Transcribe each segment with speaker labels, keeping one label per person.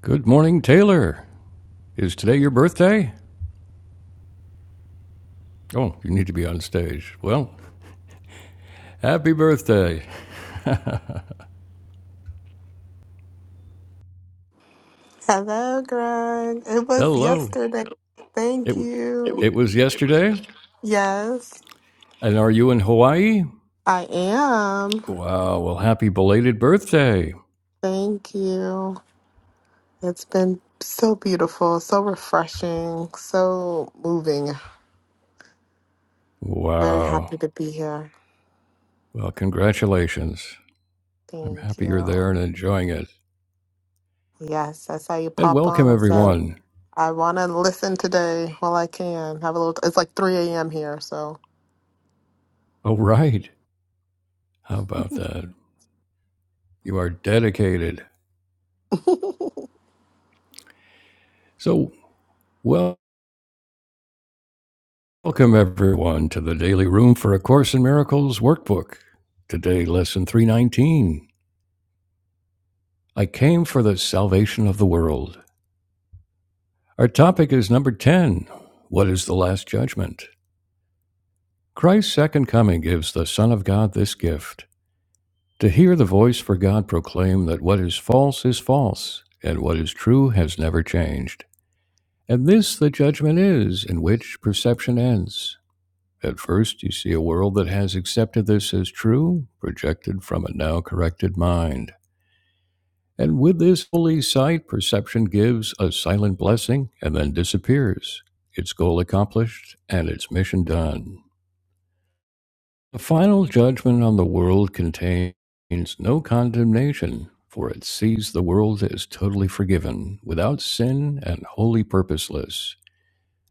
Speaker 1: Good morning, Taylor. Is today your birthday? Oh, you need to be on stage. Well, happy birthday.
Speaker 2: Hello, Greg. It was
Speaker 1: Hello.
Speaker 2: yesterday.
Speaker 1: It
Speaker 2: Thank It you. w-
Speaker 1: it was yesterday.
Speaker 2: Yes,
Speaker 1: And are you in Hawaii?
Speaker 2: I am.
Speaker 1: Wow. Well, happy belated birthday.
Speaker 2: Thank you. It's been so beautiful, so refreshing, so moving. Very
Speaker 1: Wow.
Speaker 2: happy to be here.
Speaker 1: Well, congratulations. I'm
Speaker 2: Thank
Speaker 1: happy you're
Speaker 2: you.
Speaker 1: there and enjoying it.
Speaker 2: Yes, I saw you
Speaker 1: And
Speaker 2: pop
Speaker 1: welcome
Speaker 2: on. I said,
Speaker 1: everyone.
Speaker 2: I want to listen today while I can. Have a little, it's like 3 a.m. here, so.
Speaker 1: All right. How about that? You are dedicated. So, well. Welcome, everyone, to the Daily Room for A Course in Miracles workbook. Today, lesson 319 I came for the salvation of the world. Our topic is number 10 What is the Last Judgment? Christ's second coming gives the Son of God this gift to hear the voice for God proclaim that what is false is false, and what is true has never changed. And this the judgment is, in which perception ends. At first, you see a world that has accepted this as true, projected from a now corrected mind. And with this holy sight, perception gives a silent blessing and then disappears, its goal accomplished and its mission done. The final judgment on the world contains no condemnation, for it sees the world as totally forgiven, without sin, and wholly purposeless.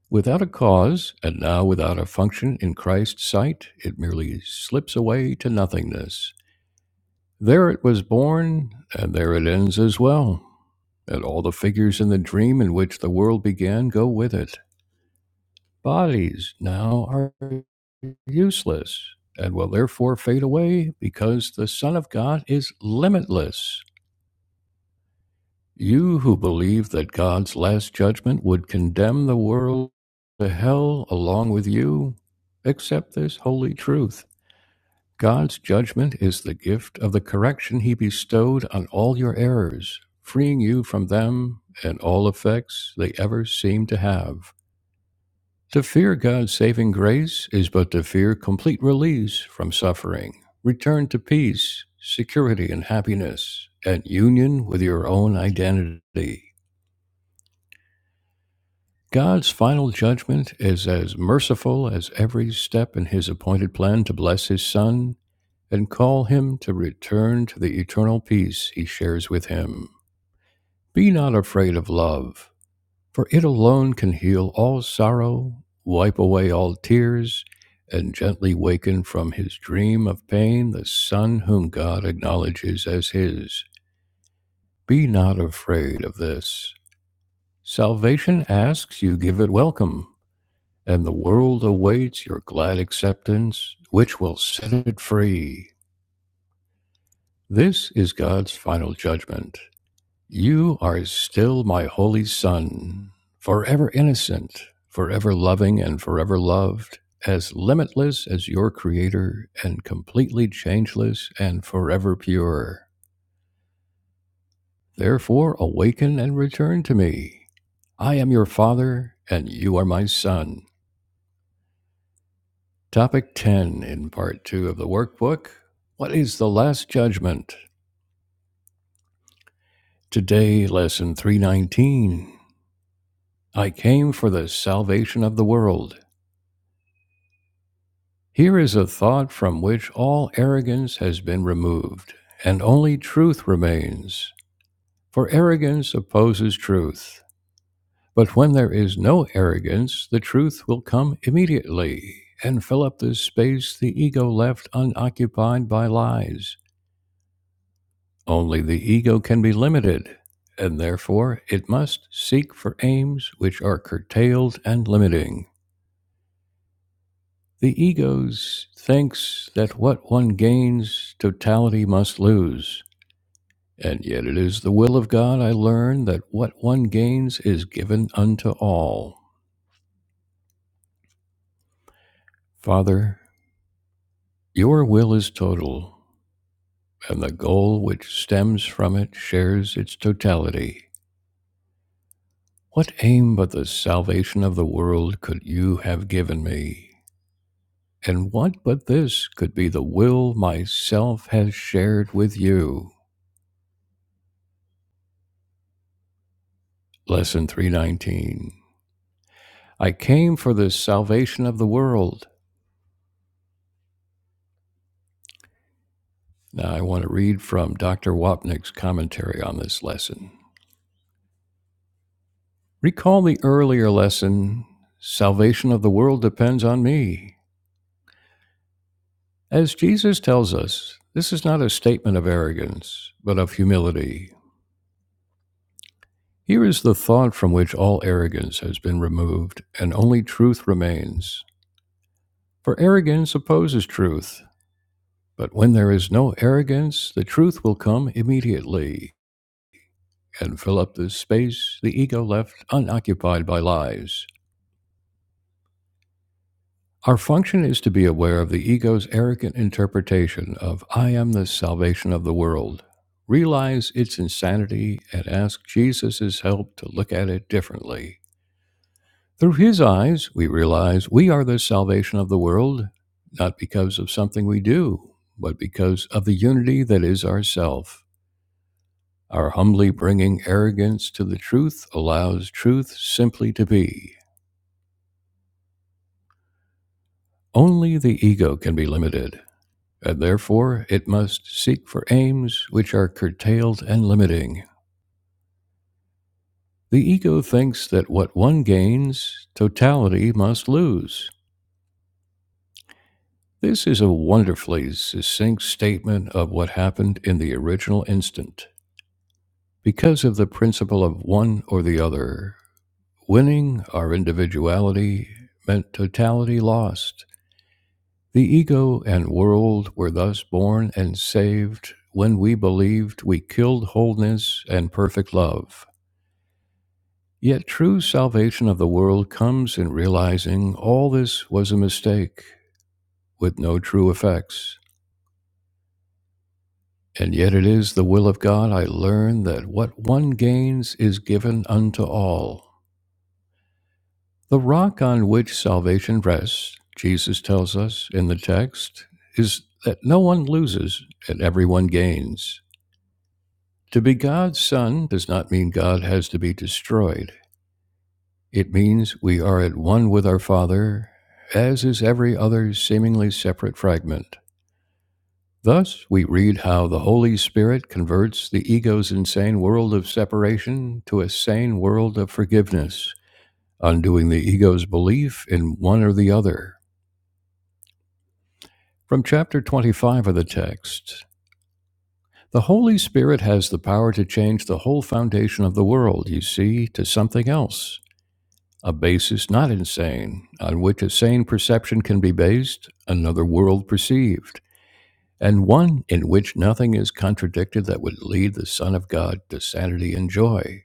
Speaker 1: Without a cause, and now without a function in Christ's sight, it merely slips away to nothingness. There it was born, and there it ends as well. And all the figures in the dream in which the world began go with it. Bodies now are useless, and will therefore fade away, because the Son of God is limitless. You who believe that God's last judgment would condemn the world to hell along with you, accept this holy truth. God's judgment is the gift of the correction he bestowed on all your errors, freeing you from them and all effects they ever seem to have. To fear God's saving grace is but to fear complete release from suffering, return to peace, security, and happiness, and union with your own identity. God's final judgment is as merciful as every step in his appointed plan to bless his son and call him to return to the eternal peace he shares with him. Be not afraid of love, for it alone can heal all sorrow, wipe away all tears, and gently waken from his dream of pain the son whom God acknowledges as his. Be not afraid of this. Salvation asks you give it welcome. and the world awaits your glad acceptance, which will set it free. This is God's final judgment. You are still my holy son, forever innocent, forever loving, and forever loved, as limitless as your creator, and completely changeless and forever pure. Therefore, awaken and return to me. I am your father, and you are my son. Topic 10 in Part 2 of the workbook What is the Last Judgment? Today, Lesson 319 I came for the salvation of the world. Here is a thought from which all arrogance has been removed, and only truth remains. For arrogance opposes truth. But when there is no arrogance, the truth will come immediately and fill up the space the ego left unoccupied by lies. Only the ego can be limited, and therefore it must seek for aims which are curtailed and limiting. The ego thinks that what one gains, totality must lose. And yet it is the will of God I learn that what one gains is given unto all. Father, your will is total, and the goal which stems from it shares its totality. What aim but the salvation of the world could you have given me? And what but this could be the will myself has shared with you? Lesson 319. I came for the salvation of the world. Now I want to read from Dr. Wapnick's commentary on this lesson. Recall the earlier lesson Salvation of the world depends on me. As Jesus tells us, this is not a statement of arrogance, but of humility. Here is the thought from which all arrogance has been removed and only truth remains. For arrogance opposes truth, but when there is no arrogance, the truth will come immediately and fill up the space the ego left unoccupied by lies. Our function is to be aware of the ego's arrogant interpretation of I am the salvation of the world. Realize its insanity and ask Jesus' help to look at it differently. Through his eyes, we realize we are the salvation of the world, not because of something we do, but because of the unity that is ourself. Our humbly bringing arrogance to the truth allows truth simply to be. Only the ego can be limited, and therefore it must seek for aims which are curtailed and limiting. The ego thinks that what one gains, totality must lose. This is a wonderfully succinct statement of what happened in the original instant. Because of the principle of one or the other, winning our individuality meant totality lost. The ego and world were thus born and saved when we believed we killed wholeness and perfect love. Yet true salvation of the world comes in realizing all this was a mistake with no true effects. And yet it is the will of God I learn that what one gains is given unto all. The rock on which salvation rests, Jesus tells us in the text, is that no one loses and everyone gains. To be God's Son does not mean God has to be destroyed. It means we are at one with our Father, as is every other seemingly separate fragment. Thus, we read how the Holy Spirit converts the ego's insane world of separation to a sane world of forgiveness, undoing the ego's belief in one or the other. From chapter 25 of the text The Holy Spirit has the power to change the whole foundation of the world, you see, to something else, a basis not insane, on which a sane perception can be based, another world perceived. and one in which nothing is contradicted that would lead the Son of God to sanity and joy.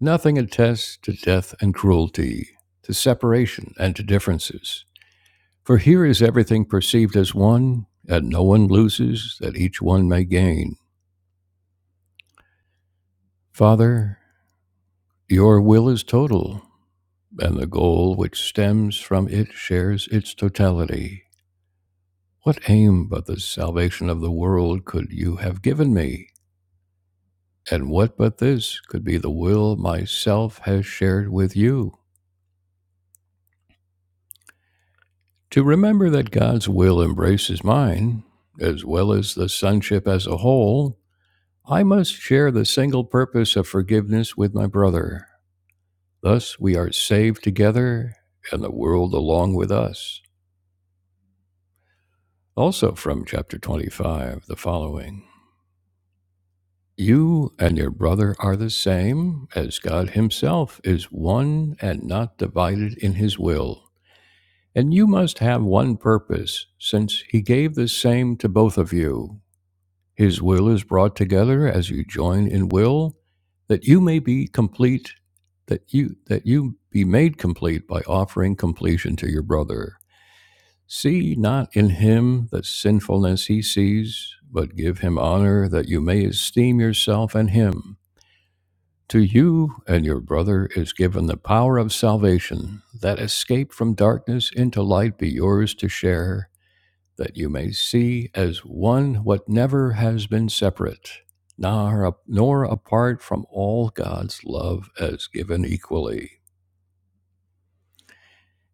Speaker 1: Nothing attests to death and cruelty, to separation and to differences. For here is everything perceived as one, and no one loses, that each one may gain. Father, your will is total, and the goal which stems from it shares its totality. What aim but the salvation of the world could you have given me? And what but this could be the will myself has shared with you? To remember that God's will embraces mine, as well as the sonship as a whole, I must share the single purpose of forgiveness with my brother. Thus we are saved together, and the world along with us. Also from chapter 25, the following You and your brother are the same, as God Himself is one and not divided in His will. And you must have one purpose, since he gave the same to both of you. His will is brought together as you join in will, that you may be complete, that you that you be made complete by offering completion to your brother. See not in him the sinfulness he sees, but give him honor that you may esteem yourself and him. To you and your brother is given the power of salvation, that escape from darkness into light be yours to share that you may see as one what never has been separate, nor, nor apart from all God's love as given equally.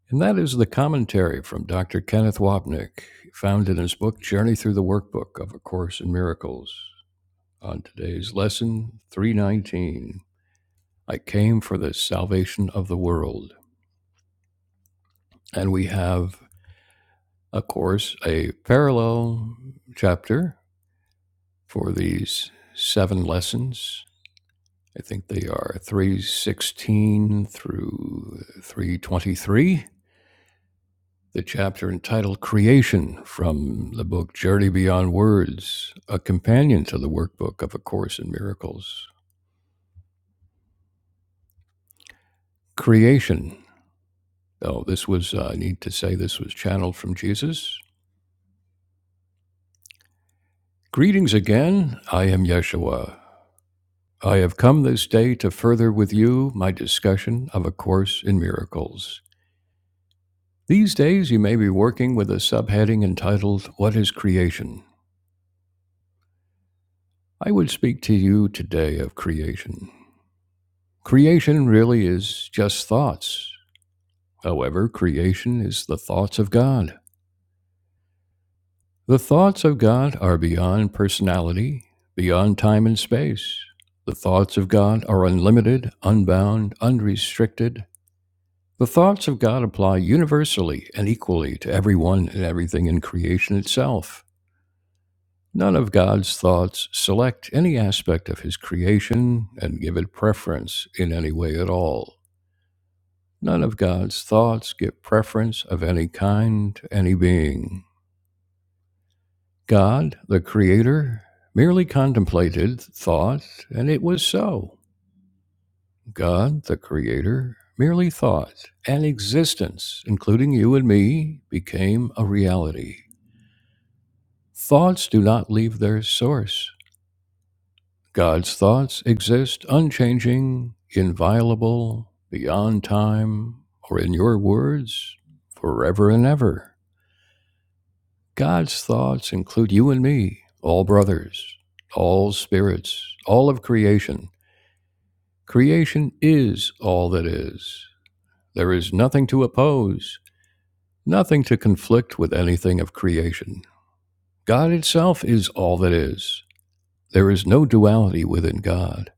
Speaker 1: And that is the commentary from Dr. Kenneth Wapnick, found in his book Journey Through the Workbook of A Course in Miracles. On today's lesson 319, I came for the salvation of the world. And we have, of course, a parallel chapter for these seven lessons I think they are 316 through 323. The chapter entitled Creation from the book Journey Beyond Words, a companion to the workbook of A Course in Miracles. Creation. Oh, this was, uh, I need to say, this was channeled from Jesus. Greetings again. I am Yeshua. I have come this day to further with you my discussion of A Course in Miracles. These days, you may be working with a subheading entitled, What is Creation? I would speak to you today of creation. Creation really is just thoughts. However, creation is the thoughts of God. The thoughts of God are beyond personality, beyond time and space. The thoughts of God are unlimited, unbound, unrestricted. The thoughts of God apply universally and equally to everyone and everything in creation itself. None of God's thoughts select any aspect of his creation and give it preference in any way at all. None of God's thoughts give preference of any kind to any being. God, the Creator, merely contemplated thought, and it was so. God, the Creator, merely thought, and existence, including you and me, became a reality. Thoughts do not leave their source. God's thoughts exist unchanging, inviolable, beyond time, or in your words, forever and ever. God's thoughts include you and me, all brothers, all spirits, all of creation. Creation is all that is. There is nothing to oppose, nothing to conflict with anything of creation. God itself is all that is. There is no duality within God.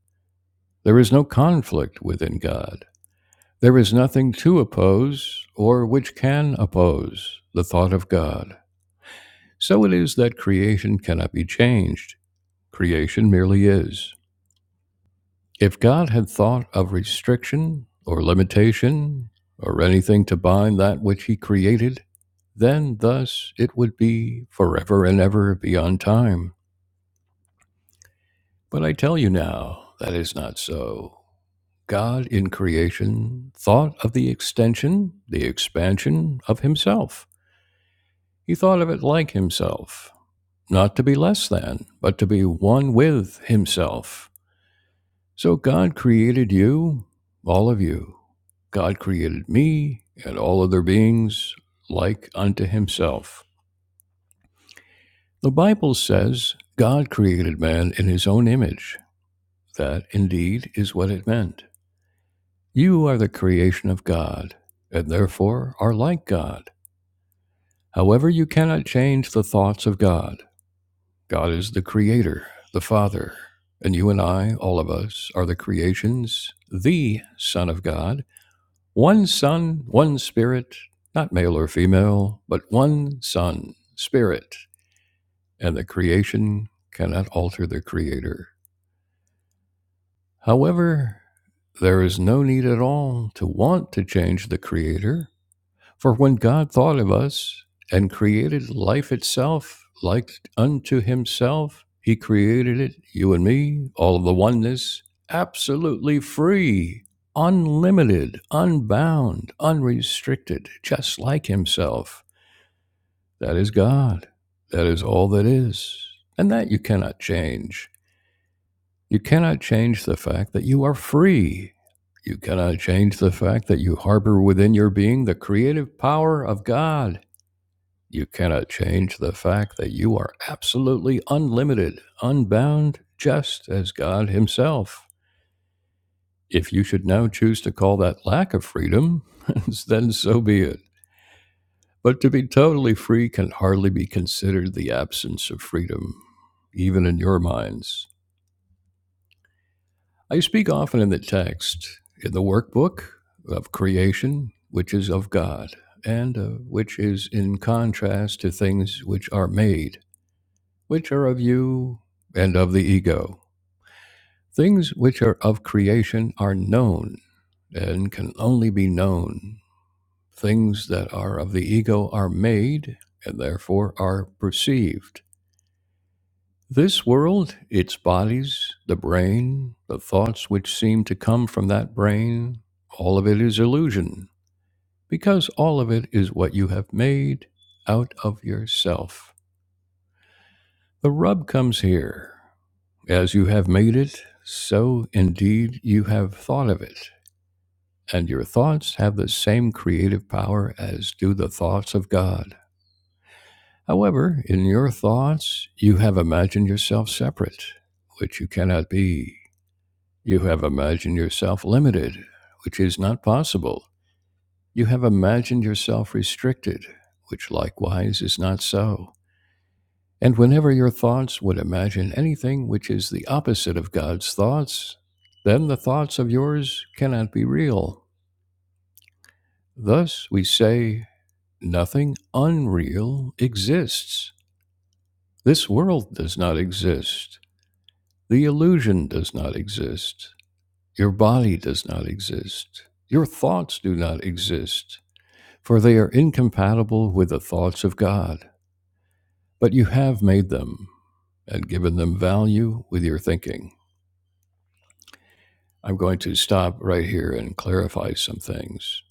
Speaker 1: There is no conflict within God. There is nothing to oppose or which can oppose the thought of God. So it is that creation cannot be changed. Creation merely is. If God had thought of restriction or limitation or anything to bind that which he created, then thus it would be forever and ever beyond time. But I tell you now, that is not so. God in creation thought of the extension, the expansion of himself. He thought of it like himself, not to be less than, but to be one with himself. So God created you, all of you. God created me and all other beings like unto himself. The Bible says God created man in his own image. That indeed is what it meant. You are the creation of God, and therefore are like God. However, you cannot change the thoughts of God. God is the creator, the Father, and you and I, all of us, are the creations, the Son of God, One Son, one Spirit, not male or female, but one Son, Spirit, and the creation cannot alter the Creator. However, there is no need at all to want to change the Creator for when God thought of us and created life itself like unto himself, he created it, you and me, all of the oneness, absolutely free, unlimited, unbound, unrestricted, just like himself. That is God. That is all that is. And that you cannot change. You cannot change the fact that you are free. You cannot change the fact that you harbor within your being the creative power of God you cannot change the fact that you are absolutely unlimited, unbound, just as God Himself. If you should now choose to call that lack of freedom, then so be it. But to be totally free can hardly be considered the absence of freedom, even in your minds. I speak often in the text, in the workbook of creation, which is of God, and uh, which is in contrast to things which are made which are of you and of the ego. Things which are of creation are known and can only be known. Things that are of the ego are made and therefore are perceived. This world, its bodies, the brain, the thoughts which seem to come from that brain, all of it is illusion, because all of it is what you have made out of yourself. The rub comes here. As you have made it, so indeed you have thought of it, and your thoughts have the same creative power as do the thoughts of God. However, in your thoughts, you have imagined yourself separate, which you cannot be. You have imagined yourself limited, which is not possible. You have imagined yourself restricted, which likewise is not so. And whenever your thoughts would imagine anything which is the opposite of God's thoughts, then the thoughts of yours cannot be real. Thus we say, nothing unreal exists. This world does not exist. The illusion does not exist. Your body does not exist. Your thoughts do not exist, for they are incompatible with the thoughts of God. But you have made them and given them value with your thinking. I'm going to stop right here and clarify some things.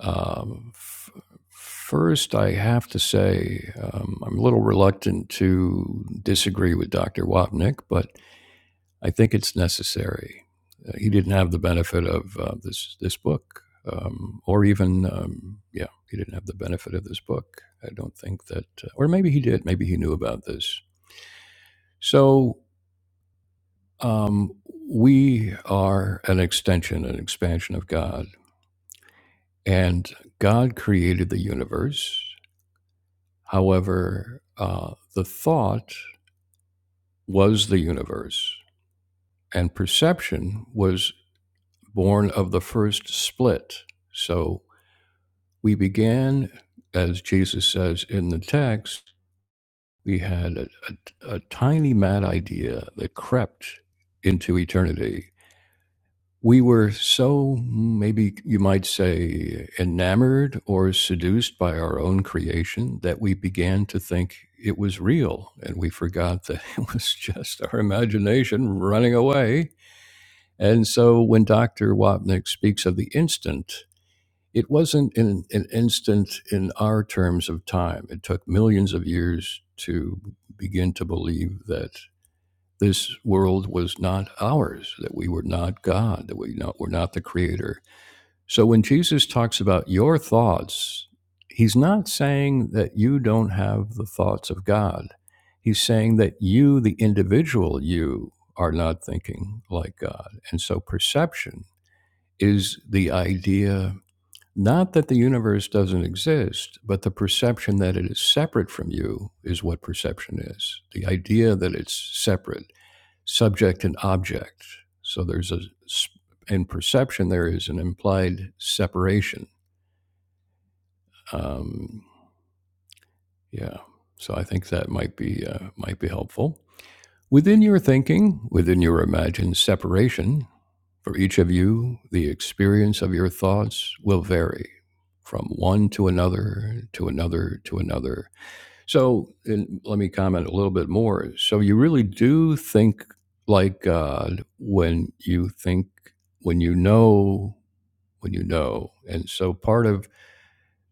Speaker 1: Um, f- first, I have to say um, I'm a little reluctant to disagree with Dr. Wapnick, but I think it's necessary. Uh, he didn't have the benefit of uh, this this book, um, or even um, yeah, he didn't have the benefit of this book. I don't think that, uh, or maybe he did. Maybe he knew about this. So um, we are an extension, an expansion of God. And God created the universe. However, uh, the thought was the universe, and perception was born of the first split. So we began, as Jesus says in the text, we had a, a- a tiny mad idea that crept into eternity we were so maybe you might say enamored or seduced by our own creation that we began to think it was real and we forgot that it was just our imagination running away and so when dr wapnick speaks of the instant it wasn't in an instant in our terms of time it took millions of years to begin to believe that this world was not ours, that we were not God, that we not, were not the creator. So when Jesus talks about your thoughts, he's not saying that you don't have the thoughts of God. He's saying that you, the individual you, are not thinking like God. And so perception is the idea not that the universe doesn't exist, but the perception that it is separate from you is what perception is. The idea that it's separate subject and object. So there's a in perception, there is an implied separation. Um, yeah. So I think that might be, uh, might be helpful. Within your thinking, within your imagined separation, for each of you, the experience of your thoughts will vary from one to another, to another, to another, So, and let me comment a little bit more. So, you really do think like God when you think, when you know, when you know. And so, part of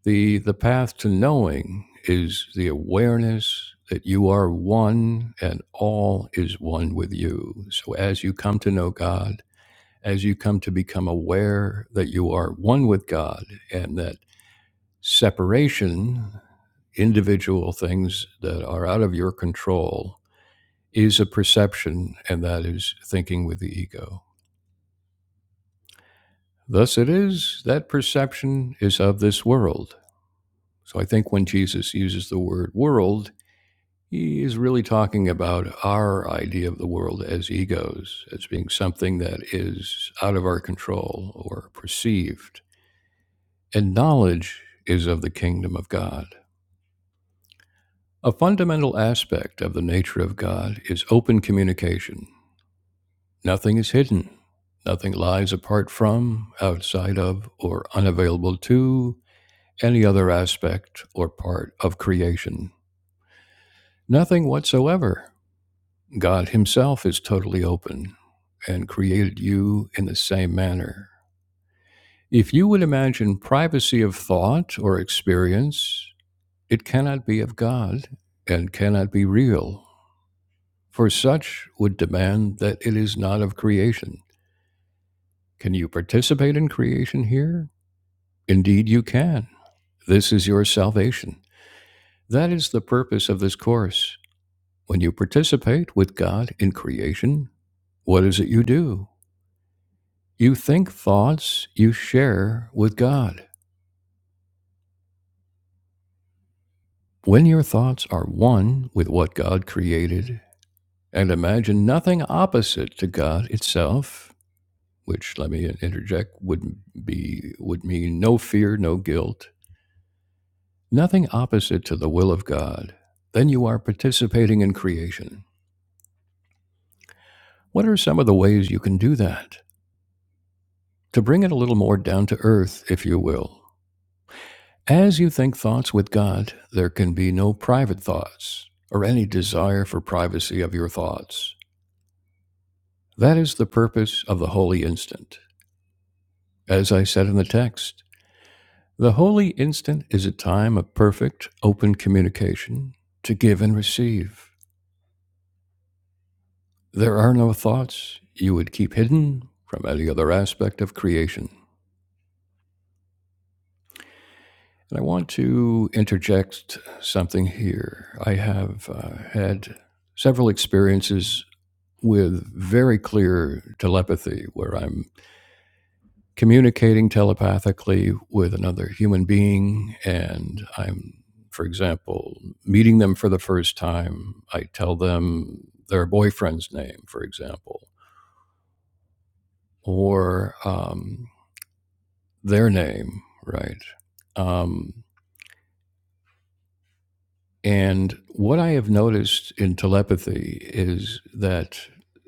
Speaker 1: the the path to knowing is the awareness that you are one and all is one with you. So, as you come to know God, as you come to become aware that you are one with God and that separation individual things that are out of your control is a perception, and that is thinking with the ego. Thus it is that perception is of this world. So I think when Jesus uses the word world, he is really talking about our idea of the world as egos, as being something that is out of our control or perceived. And knowledge is of the kingdom of God. A fundamental aspect of the nature of God is open communication. Nothing is hidden. Nothing lies apart from, outside of, or unavailable to any other aspect or part of creation. Nothing whatsoever. God Himself is totally open and created you in the same manner. If you would imagine privacy of thought or experience, it cannot be of God and cannot be real, for such would demand that it is not of creation. Can you participate in creation here? Indeed, you can. This is your salvation. That is the purpose of this course. When you participate with God in creation, what is it you do? You think thoughts you share with God. When your thoughts are one with what God created and imagine nothing opposite to God itself, which let me interject would be would mean no fear, no guilt, nothing opposite to the will of God, then you are participating in creation. What are some of the ways you can do that? To bring it a little more down to earth, if you will. As you think thoughts with God, there can be no private thoughts or any desire for privacy of your thoughts. That is the purpose of the holy instant. As I said in the text, the holy instant is a time of perfect, open communication to give and receive. There are no thoughts you would keep hidden from any other aspect of creation. And I want to interject something here. I have uh, had several experiences with very clear telepathy where I'm communicating telepathically with another human being and I'm, for example, meeting them for the first time. I tell them their boyfriend's name, for example, or um, their name, right? Um, And what I have noticed in telepathy is that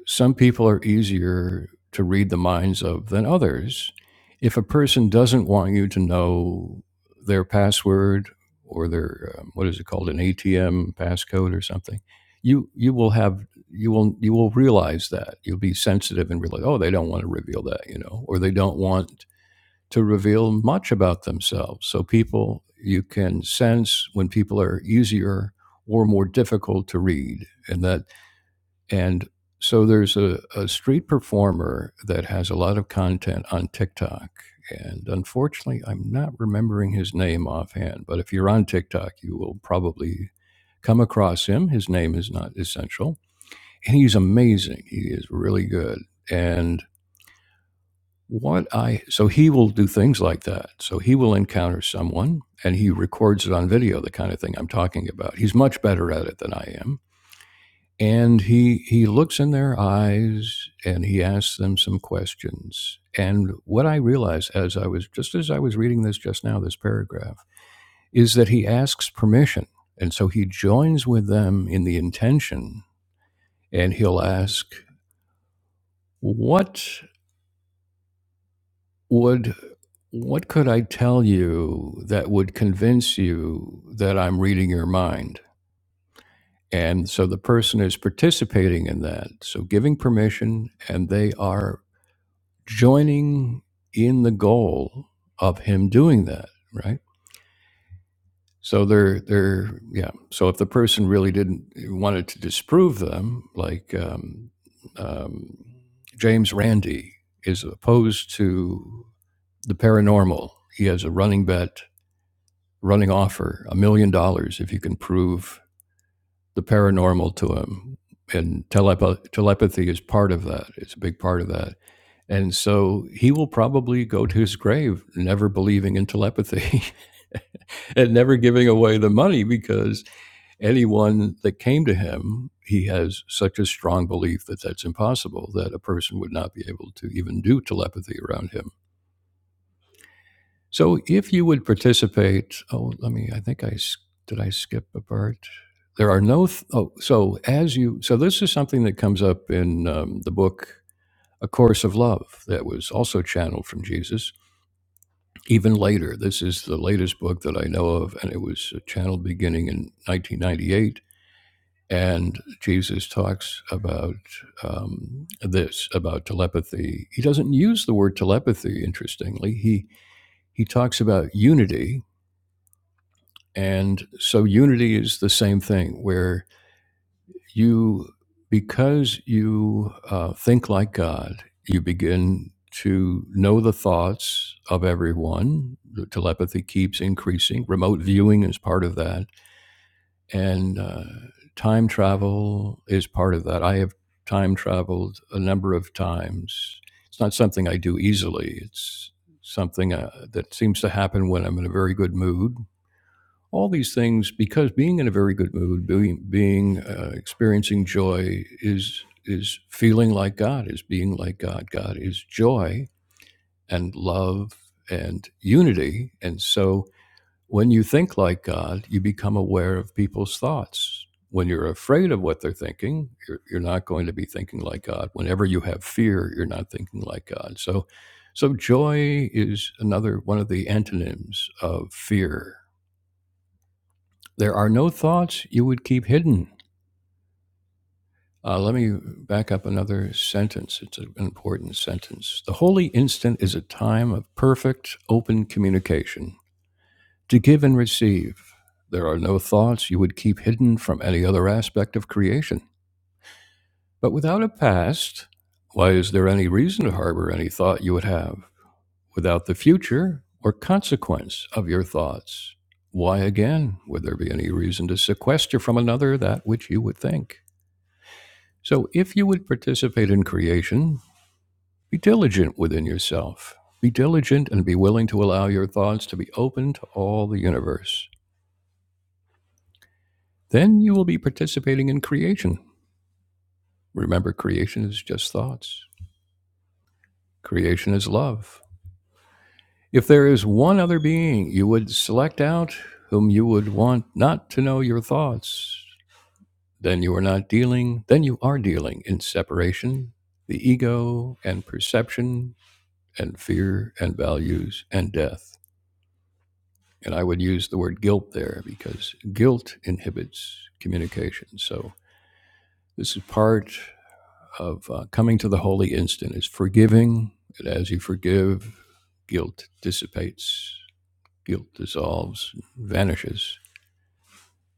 Speaker 1: some people are easier to read the minds of than others. If a person doesn't want you to know their password or their um, what is it called an ATM passcode or something, you you will have you will you will realize that you'll be sensitive and realize oh they don't want to reveal that you know or they don't want to reveal much about themselves. So people, you can sense when people are easier or more difficult to read, and that and so there's a, a street performer that has a lot of content on TikTok. And unfortunately, I'm not remembering his name offhand, but if you're on TikTok, you will probably come across him. His name is not essential. And he's amazing. He is really good. And what I so he will do things like that. So he will encounter someone and he records it on video, the kind of thing I'm talking about. He's much better at it than I am. And he he looks in their eyes and he asks them some questions. And what I realized as I was just as I was reading this just now, this paragraph, is that he asks permission. And so he joins with them in the intention and he'll ask, What would what could I tell you that would convince you that I'm reading your mind? And so the person is participating in that. So giving permission and they are joining in the goal of him doing that, right? So they're they're yeah. So if the person really didn't wanted to disprove them, like um, um, James Randi is opposed to the paranormal. He has a running bet running offer a million dollars if you can prove the paranormal to him. And telep- telepathy is part of that, it's a big part of that. And so he will probably go to his grave never believing in telepathy and never giving away the money because anyone that came to him, he has such a strong belief that that's impossible, that a person would not be able to even do telepathy around him. So if you would participate, oh, let me, I think I did I skip a part? There are no, th- oh, so as you, so this is something that comes up in um, the book, A Course of Love, that was also channeled from Jesus even later. This is the latest book that I know of, and it was uh, channeled beginning in 1998. And Jesus talks about um, this, about telepathy. He doesn't use the word telepathy, interestingly. He, he talks about unity And so unity is the same thing where you, because you uh, think like God, you begin to know the thoughts of everyone. The telepathy keeps increasing. Remote viewing is part of that. And uh, time travel is part of that. I have time traveled a number of times. It's not something I do easily. It's something uh, that seems to happen when I'm in a very good mood all these things because being in a very good mood being, being uh, experiencing joy is is feeling like god is being like god god is joy and love and unity and so when you think like god you become aware of people's thoughts when you're afraid of what they're thinking you're, you're not going to be thinking like god whenever you have fear you're not thinking like god so so joy is another one of the antonyms of fear there are no thoughts you would keep hidden. Uh, let me back up another sentence. It's an important sentence. The holy instant is a time of perfect, open communication to give and receive. There are no thoughts you would keep hidden from any other aspect of creation. But without a past, why is there any reason to harbor any thought you would have? Without the future or consequence of your thoughts, why again would there be any reason to sequester from another that which you would think? So, if you would participate in creation, be diligent within yourself. Be diligent and be willing to allow your thoughts to be open to all the universe. Then you will be participating in creation. Remember, creation is just thoughts, creation is love. If there is one other being you would select out whom you would want not to know your thoughts, then you are not dealing, then you are dealing in separation, the ego and perception and fear and values and death. And I would use the word guilt there because guilt inhibits communication. So this is part of uh, coming to the holy instant is forgiving. And as you forgive, guilt dissipates, guilt dissolves, vanishes,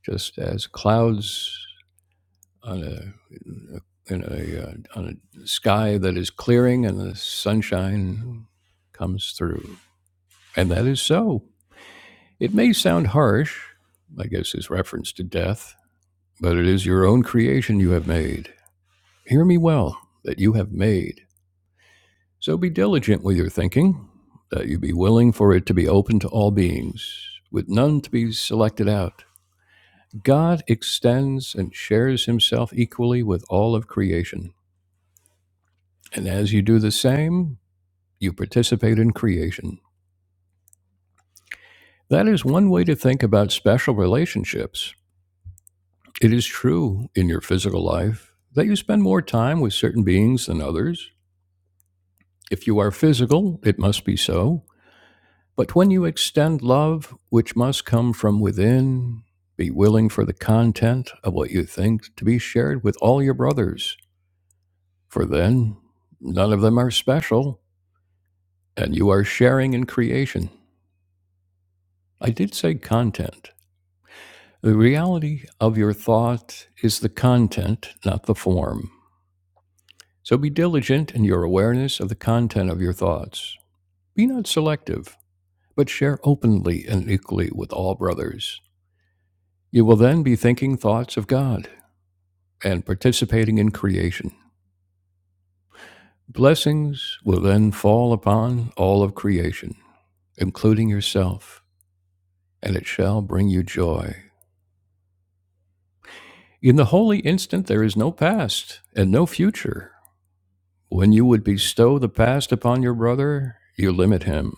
Speaker 1: just as clouds on a in a uh, on a sky that is clearing and the sunshine comes through. And that is so. It may sound harsh, I guess his reference to death, but it is your own creation you have made. Hear me well, that you have made. So be diligent with your thinking, that you be willing for it to be open to all beings, with none to be selected out. God extends and shares himself equally with all of creation. And as you do the same, you participate in creation. That is one way to think about special relationships. It is true in your physical life that you spend more time with certain beings than others If you are physical, it must be so. But when you extend love, which must come from within, be willing for the content of what you think to be shared with all your brothers, for then none of them are special, and you are sharing in creation. I did say content. The reality of your thought is the content, not the form. So be diligent in your awareness of the content of your thoughts. Be not selective, but share openly and equally with all brothers. You will then be thinking thoughts of God and participating in creation. Blessings will then fall upon all of creation, including yourself, and it shall bring you joy. In the holy instant, there is no past and no future. When you would bestow the past upon your brother, you limit him.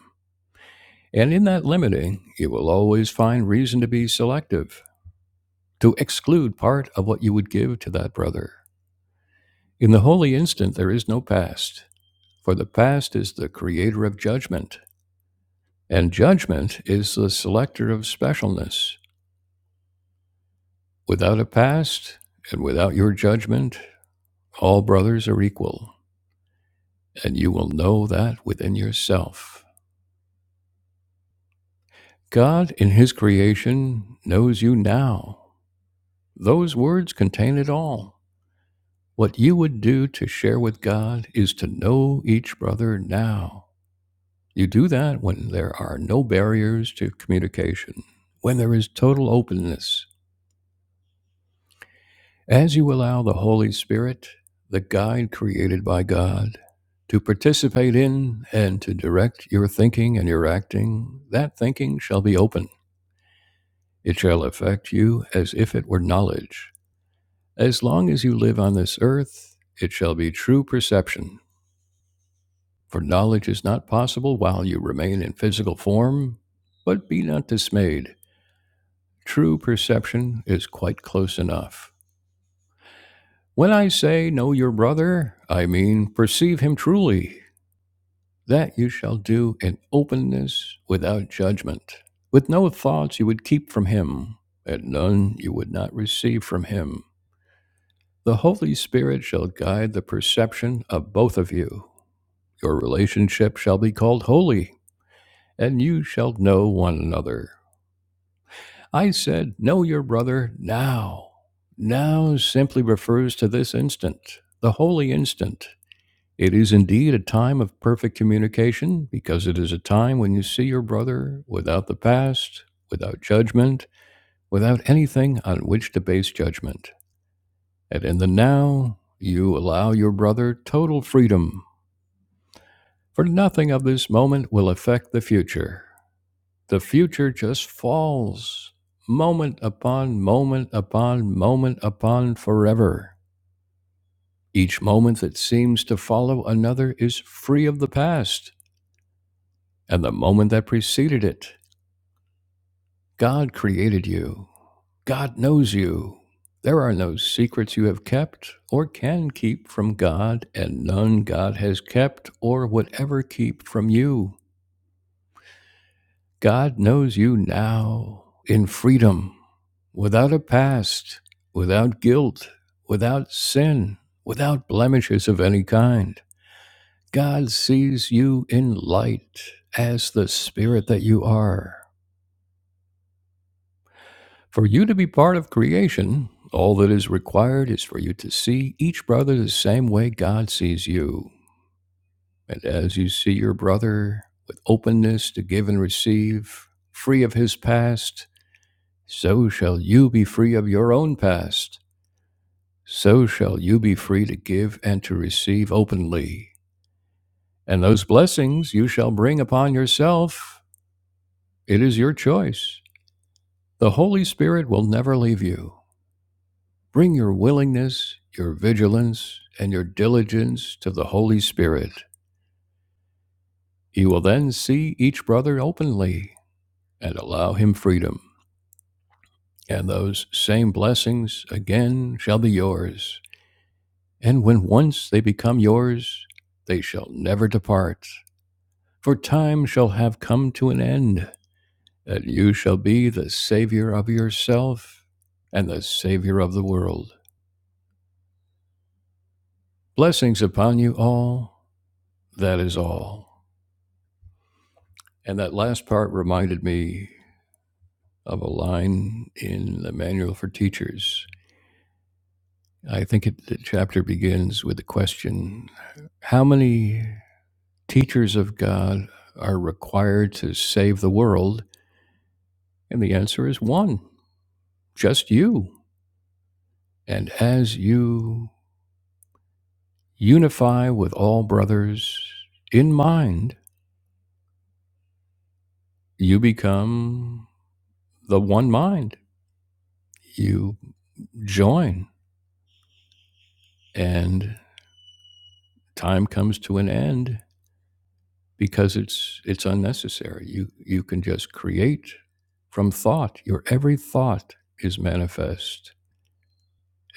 Speaker 1: And in that limiting, you will always find reason to be selective, to exclude part of what you would give to that brother. In the holy instant, there is no past For the past is the creator of judgment, and judgment is the selector of specialness. Without a past and without your judgment, all brothers are equal, and you will know that within yourself. God, in His creation, knows you now. Those words contain it all. What you would do to share with God is to know each brother now. You do that when there are no barriers to communication, when there is total openness As you allow the Holy Spirit, the guide created by God, to participate in and to direct your thinking and your acting, that thinking shall be open. It shall affect you as if it were knowledge. As long as you live on this earth, it shall be true perception. For knowledge is not possible while you remain in physical form, but be not dismayed. True perception is quite close enough. When I say know your brother, I mean perceive him truly That you shall do in openness without judgment, with no thoughts you would keep from him, and none you would not receive from him. The Holy Spirit shall guide the perception of both of you. Your relationship shall be called holy, and you shall know one another. I said, Know your brother now. Now simply refers to this instant, the holy instant. It is indeed a time of perfect communication because it is a time when you see your brother without the past, without judgment, without anything on which to base judgment. And in the now, you allow your brother total freedom, for nothing of this moment will affect the future. The future just falls moment upon moment upon moment upon forever. Each moment that seems to follow another is free of the past And the moment that preceded it, God created you. God knows you. There are no secrets you have kept or can keep from God, and none God has kept or would ever keep from you. God knows you now in freedom, without a past, without guilt, without sin, without blemishes of any kind. God sees you in light as the spirit that you are. For you to be part of creation, all that is required is for you to see each brother the same way God sees you. And as you see your brother with openness to give and receive, free of his past, so shall you be free of your own past. So shall you be free to give and to receive openly. And those blessings you shall bring upon yourself. It is your choice. The Holy Spirit will never leave you. Bring your willingness, your vigilance, and your diligence to the Holy Spirit. He will then see each brother openly and allow him freedom, and those same blessings again shall be yours. And when once they become yours, they shall never depart. For time shall have come to an end, and you shall be the Savior of yourself and the Savior of the world. Blessings upon you all, that is all. And that last part reminded me of a line in the manual for teachers. I think it, the chapter begins with the question How many teachers of God are required to save the world? And the answer is one, just you. And as you unify with all brothers in mind, you become the one mind. You join, and time comes to an end because it's it's unnecessary. You you can just create from thought. Your every thought is manifest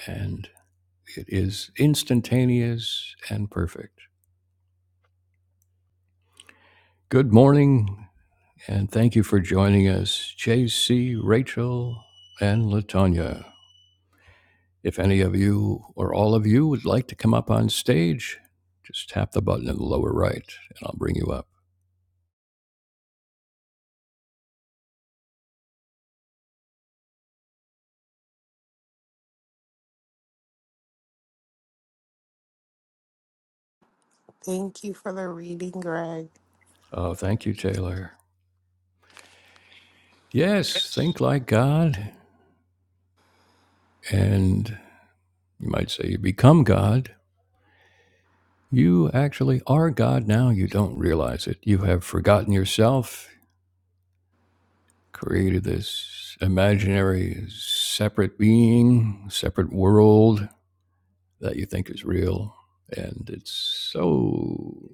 Speaker 1: and it is instantaneous and perfect. Good morning and thank you for joining us, JC, Rachel, and Latonya. If any of you or all of you would like to come up on stage, just tap the button in the lower right and I'll bring you up.
Speaker 2: Thank you for the reading, Greg.
Speaker 1: Oh, thank you, Taylor. Yes, think like God and You might say you become God. You actually are God now. You don't realize it. You have forgotten yourself, created this imaginary separate being, separate world that you think is real. And it's so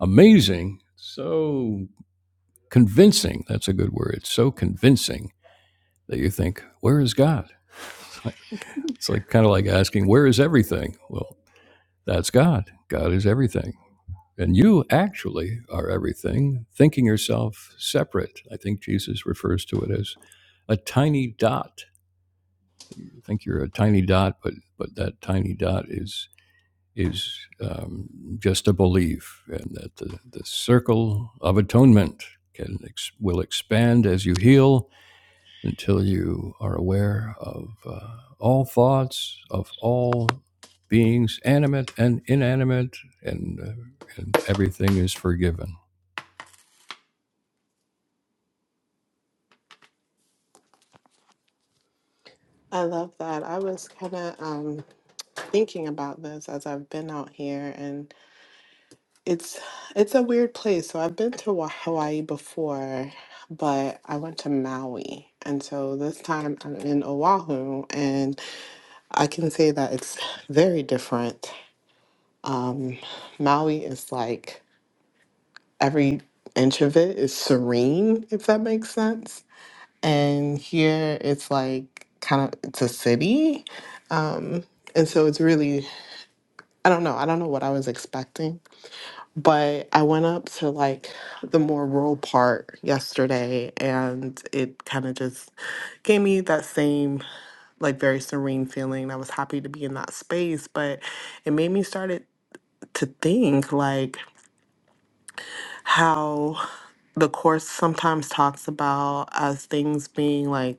Speaker 1: amazing, so convincing. That's a good word. It's so convincing that you think, where is God? It's like, like kind of like asking, where is everything? Well, that's God. God is everything. And you actually are everything, thinking yourself separate. I think Jesus refers to it as a tiny dot. You think you're a tiny dot, but but that tiny dot is is um, just a belief, and that the, the circle of atonement can ex- will expand as you heal until you are aware of uh, all thoughts of all beings, animate and inanimate, and uh, and everything is forgiven.
Speaker 2: I love that. I was kind of um thinking about this as I've been out here and it's it's a weird place. So I've been to Wa- Hawaii before, but I went to Maui. And so this time I'm in Oahu and I can say that it's very different. Um Maui is like every inch of it is serene, if that makes sense. And here it's like kind of it's a city. Um and so it's really I don't know. I don't know what I was expecting But I went up to like the more rural part yesterday and it kind of just gave me that same like very serene feeling. I was happy to be in that space, but it made me started to think like how the course sometimes talks about as things being like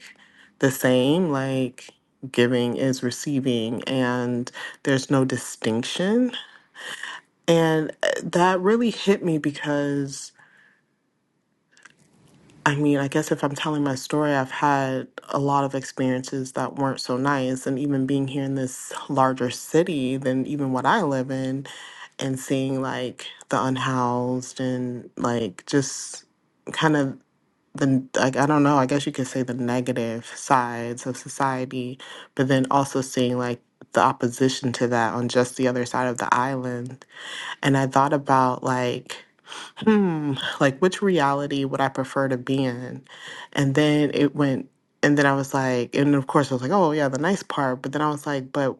Speaker 2: the same, like giving is receiving and there's no distinction. And uh, that really hit me because I mean, I guess if I'm telling my story, I've had a lot of experiences that weren't so nice. And even being here in this larger city than even what I live in, and seeing like the unhoused and like just kind of the, like, I don't know, I guess you could say the negative sides of society, but then also seeing like the opposition to that on just the other side of the island. And I thought about like, hmm, like which reality would I prefer to be in? And then it went, and then I was like, and of course I was like, oh yeah, the nice part. But then I was like, but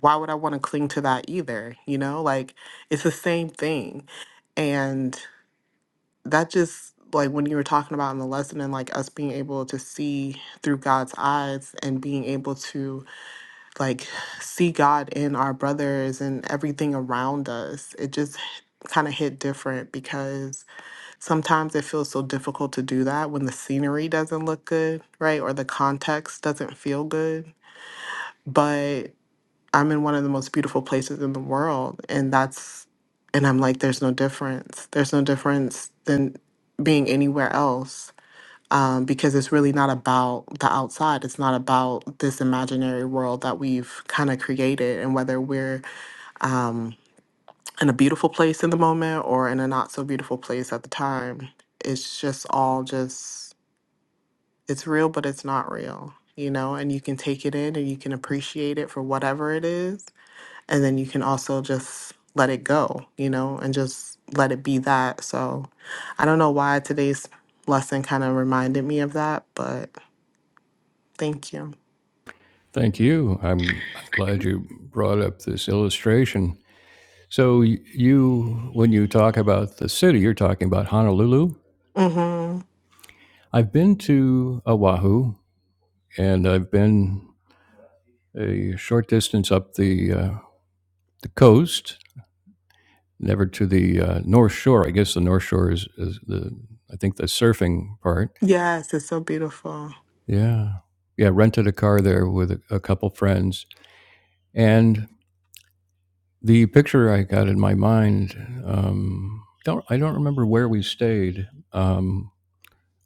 Speaker 2: why would I want to cling to that either? You know, like it's the same thing. And that just like when you were talking about in the lesson and like us being able to see through God's eyes and being able to like see God in our brothers and everything around us, it just kind of hit different because sometimes it feels so difficult to do that when the scenery doesn't look good, right? Or the context doesn't feel good. But I'm in one of the most beautiful places in the world. And that's, and I'm like, there's no difference. There's no difference than being anywhere else. Um, because it's really not about the outside. It's not about this imaginary world that we've kind of created and whether we're, um, in a beautiful place in the moment or in a not so beautiful place at the time. It's just all just it's real but it's not real, you know, and you can take it in and you can appreciate it for whatever it is and then you can also just let it go, you know, and just let it be that. So I don't know why today's lesson kind of reminded me of that, but thank you.
Speaker 1: Thank you. I'm, I'm glad you brought up this illustration. So, y- you, when you talk about the city, you're talking about Honolulu.
Speaker 2: Mhm.
Speaker 1: I've been to Oahu and I've been a short distance up the, uh, the coast, never to the uh, North Shore. I guess the North Shore is, is the, I think, the surfing part.
Speaker 2: Yes, it's so beautiful.
Speaker 1: Yeah. Yeah. Rented a car there with a, a couple friends. And The picture I got in my mind, um, don't I don't remember where we stayed um,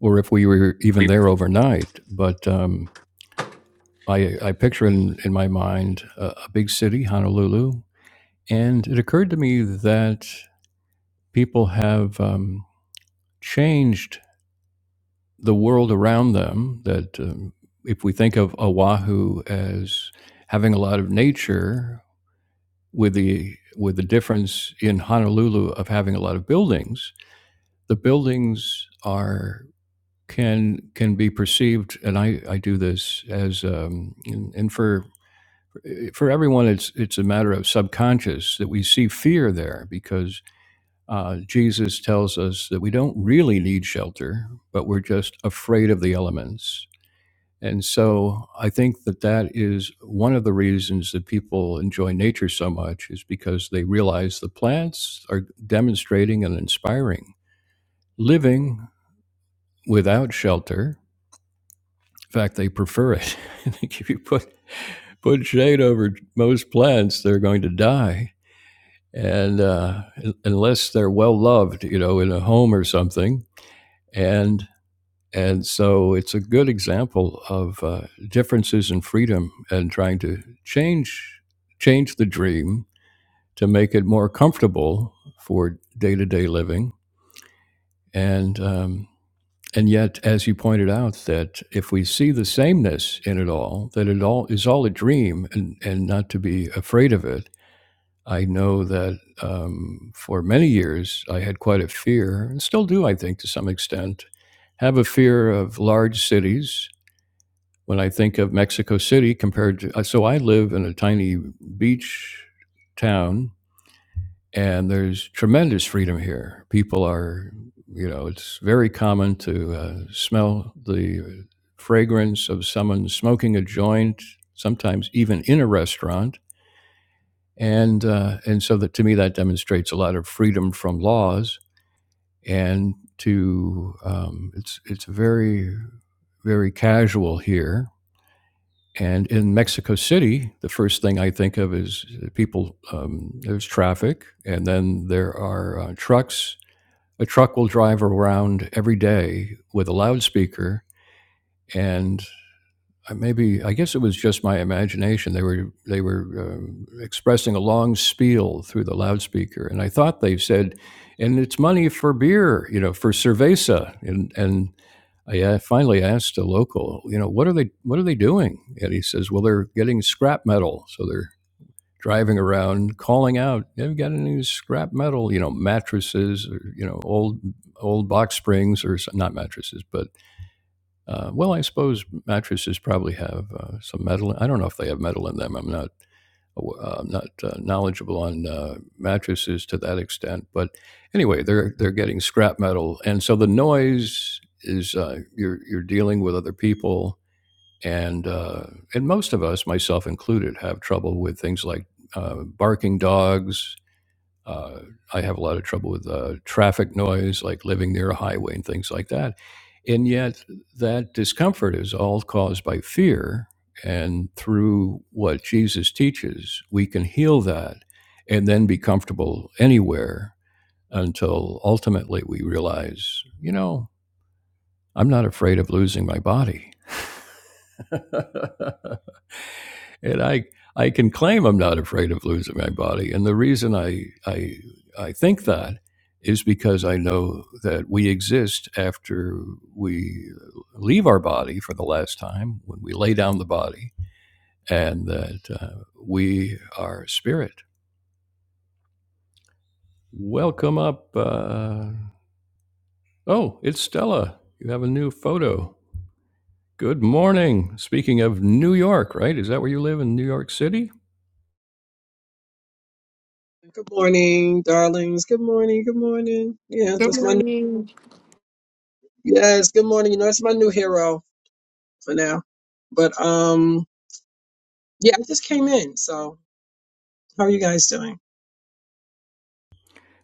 Speaker 1: or if we were even there overnight, but um, I, I picture in, in my mind a, a big city, Honolulu, and it occurred to me that people have um, changed the world around them. That um, if we think of Oahu as having a lot of nature, with the with the difference in Honolulu of having a lot of buildings the buildings are can can be perceived, and I, I do this as um, and, and for for everyone, it's it's a matter of subconscious that we see fear there because uh, Jesus tells us that we don't really need shelter, but we're just afraid of the elements. And so I think that that is one of the reasons that people enjoy nature so much is because they realize the plants are demonstrating and inspiring living without shelter. In fact, they prefer it. if you put put shade over most plants, they're going to die, and uh, unless they're well loved, you know, in a home or something, and and so it's a good example of uh, differences in freedom and trying to change change the dream to make it more comfortable for day to day living. And um, And yet, as you pointed out, that if we see the sameness in it all, that it all is all a dream and, and not to be afraid of it. I know that um, for many years I had quite a fear, and still do, I think, to some extent, have a fear of large cities. When I think of Mexico City compared to, uh, so I live in a tiny beach town and there's tremendous freedom here. People are, you know, it's very common to uh, smell the fragrance of someone smoking a joint, sometimes even in a restaurant, and uh, and so that to me that demonstrates a lot of freedom from laws and to um, it's it's very very casual here. And in Mexico City, the first thing I think of is people. Um, there's traffic, and then there are uh, trucks a truck will drive around every day with a loudspeaker and uh, maybe I guess it was just my imagination. They were they were um expressing a long spiel through the loudspeaker, and I thought they said, "And it's money for beer, you know, for cerveza." And and I uh, finally asked a local, you know, what are they what are they doing? And he says, "Well, they're getting scrap metal, so they're driving around calling out, "Have you got any scrap metal? You know, mattresses or you know old old box springs or not mattresses, but uh, well, I suppose mattresses probably have uh, some metal. I don't know if they have metal in them. I'm not uh, not uh, knowledgeable on uh, mattresses to that extent, but anyway, they're they're getting scrap metal, and so the noise is uh, you're you're dealing with other people and uh, and most of us, myself included, have trouble with things like uh, barking dogs. Uh, I have a lot of trouble with uh, traffic noise, like living near a highway and things like that. And yet, that discomfort is all caused by fear. And through what Jesus teaches, we can heal that and then be comfortable anywhere until ultimately we realize, you know, I'm not afraid of losing my body. and I I can claim I'm not afraid of losing my body. And the reason I I I think that is because I know that we exist after we leave our body for the last time when we lay down the body, and that uh, we are spirit. Welcome up. Uh, oh, it's Stella. You have a new photo. Good morning. Speaking of New York, right? Is that where you live in New York City?
Speaker 3: Good morning, darlings. Good morning. Good morning. Yeah,
Speaker 2: Good
Speaker 3: that's my new,
Speaker 2: morning.
Speaker 3: yes. Good morning. You know, that's my new hero for now. But um, yeah, I just came in. So, how are you guys doing?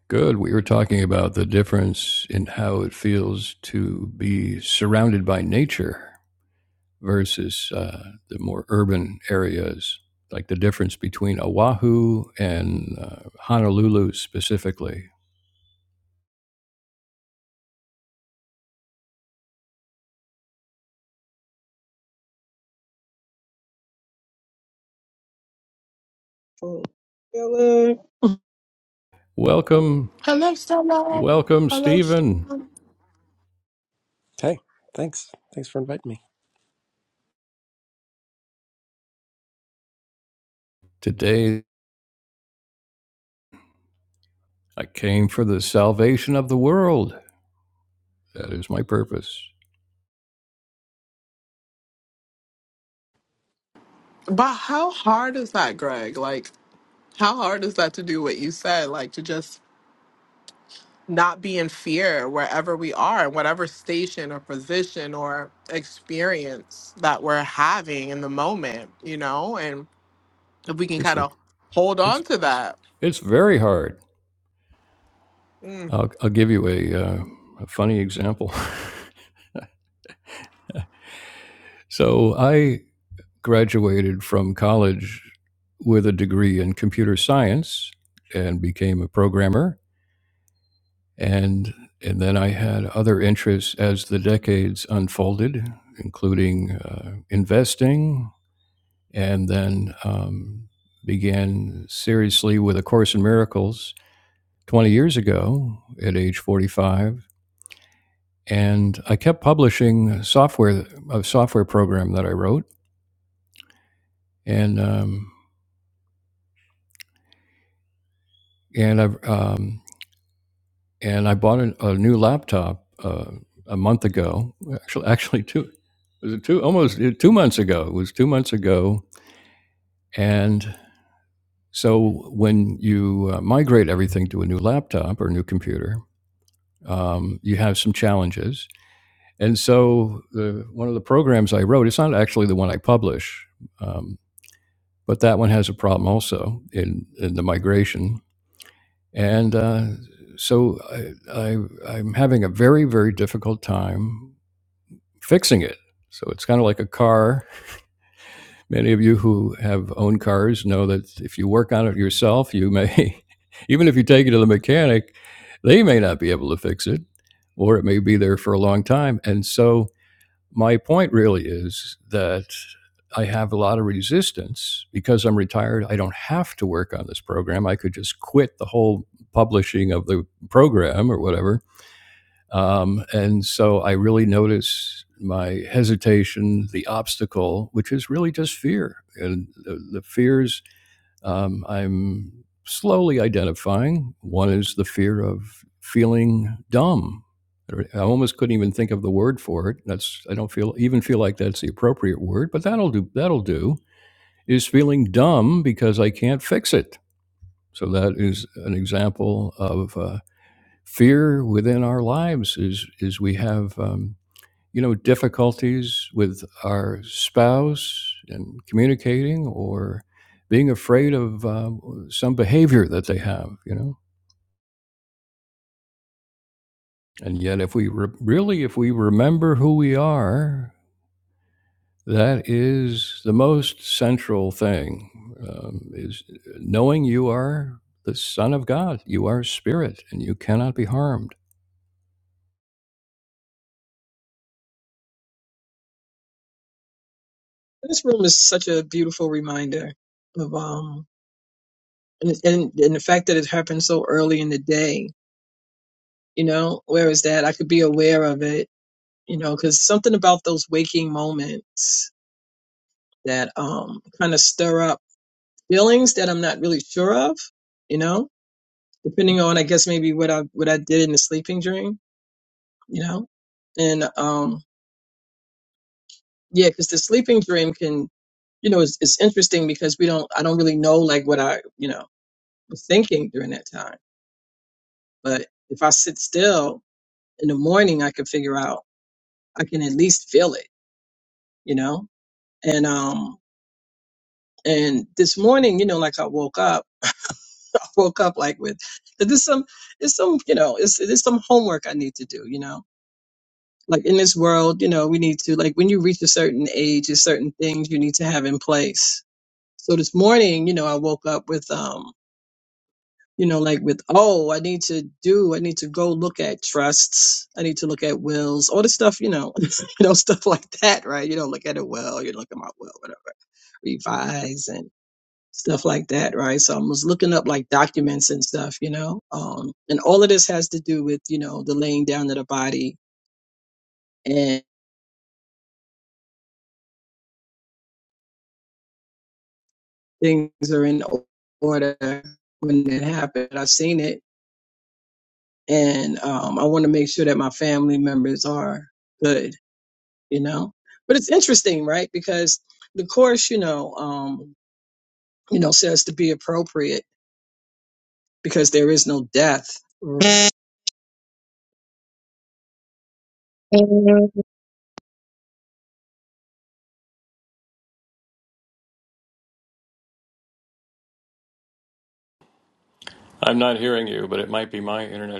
Speaker 1: Good. We were talking about the difference in how it feels to be surrounded by nature versus uh, the more urban areas, like the difference between Oahu and uh, Honolulu specifically.
Speaker 3: Cool. Well, uh,
Speaker 1: Welcome,
Speaker 2: Hello, Stella.
Speaker 1: welcome,
Speaker 2: Hello,
Speaker 1: Stephen.
Speaker 4: Hey, thanks. Thanks for inviting me.
Speaker 1: Today I came for the salvation of the world. That is my purpose.
Speaker 2: But how hard is that, Greg? Like, how hard is that to do what you said? Like, to just not be in fear wherever we are, whatever station or position or experience that we're having in the moment, you know? And if we can
Speaker 1: It's
Speaker 2: kind of hold
Speaker 1: it's
Speaker 2: on to that.
Speaker 1: it's very hard.
Speaker 2: Mm.
Speaker 1: I'll, I'll give you a, uh, a funny example. So I graduated from college with a degree in computer science and became a programmer and and then I had other interests as the decades unfolded, including uh, investing, and then um, began seriously with a course in miracles 20 years ago at age 45 and i kept publishing software a software program that i wrote and um, and i've um, and I bought a, a new laptop uh, a month ago. Actually, actually two was it two almost uh, two months ago. It was two months ago, and so when you uh, migrate everything to a new laptop or a new computer, um, you have some challenges. And so the one of the programs I wrote, it's not actually the one I publish, um, but that one has a problem also in in the migration. And uh, so I, I I'm having a very very difficult time fixing it. So it's kind of like a car. Many of you who have owned cars know that if you work on it yourself, you may, even if you take it to the mechanic, they may not be able to fix it, or it may be there for a long time. And so my point really is that I have a lot of resistance because I'm retired. I don't have to work on this program. I could just quit the whole publishing of the program or whatever um, and so I really notice my hesitation, the obstacle, which is really just fear. And the, the fears um, I'm slowly identifying. One is the fear of feeling dumb. I almost couldn't even think of the word for it. That's I don't feel even feel like that's the appropriate word, but that'll do. That'll do. Is feeling dumb because I can't fix it. So that is an example of. Uh, fear within our lives is is we have um, you know difficulties with our spouse and communicating or being afraid of uh, some behavior that they have you know and yet if we re- really if we remember who we are that is the most central thing um, is knowing you are the son of god you are spirit and you cannot be harmed
Speaker 3: this room is such a beautiful reminder of um, and, and and the fact that it happened so early in the day. You know, where is that? I could be aware of it. You know, because something about those waking moments that um kind of stir up feelings that I'm not really sure of. You know depending on I guess maybe what I what I did in the sleeping dream, you know, and um yeah, because the sleeping dream can you know it's, it's interesting because we don't I don't really know like what I you know was thinking during that time, but if I sit still in the morning, I can figure out I can at least feel it, you know, and um and this morning you know like I woke up I woke up like with there's some it's some you know it's there's some homework I need to do you know like in this world, you know, we need to like when you reach a certain age, there's certain things you need to have in place. So this morning, you know, I woke up with um, you know, like with oh, I need to do, I need to go look at trusts, I need to look at wills, all the stuff, you know, you know, stuff like that, right? You don't look at a will, you look at my will, whatever, revise and stuff like that, right? So I was looking up like documents and stuff, you know, um, and all of this has to do with you know the laying down of the body things are in order when it happened. I've seen it, and um, I want to make sure that my family members are good, you know. But it's interesting, right? Because the course, you know, um, you know, says to be appropriate because there is no death.
Speaker 1: i'm not hearing you but it might be my internet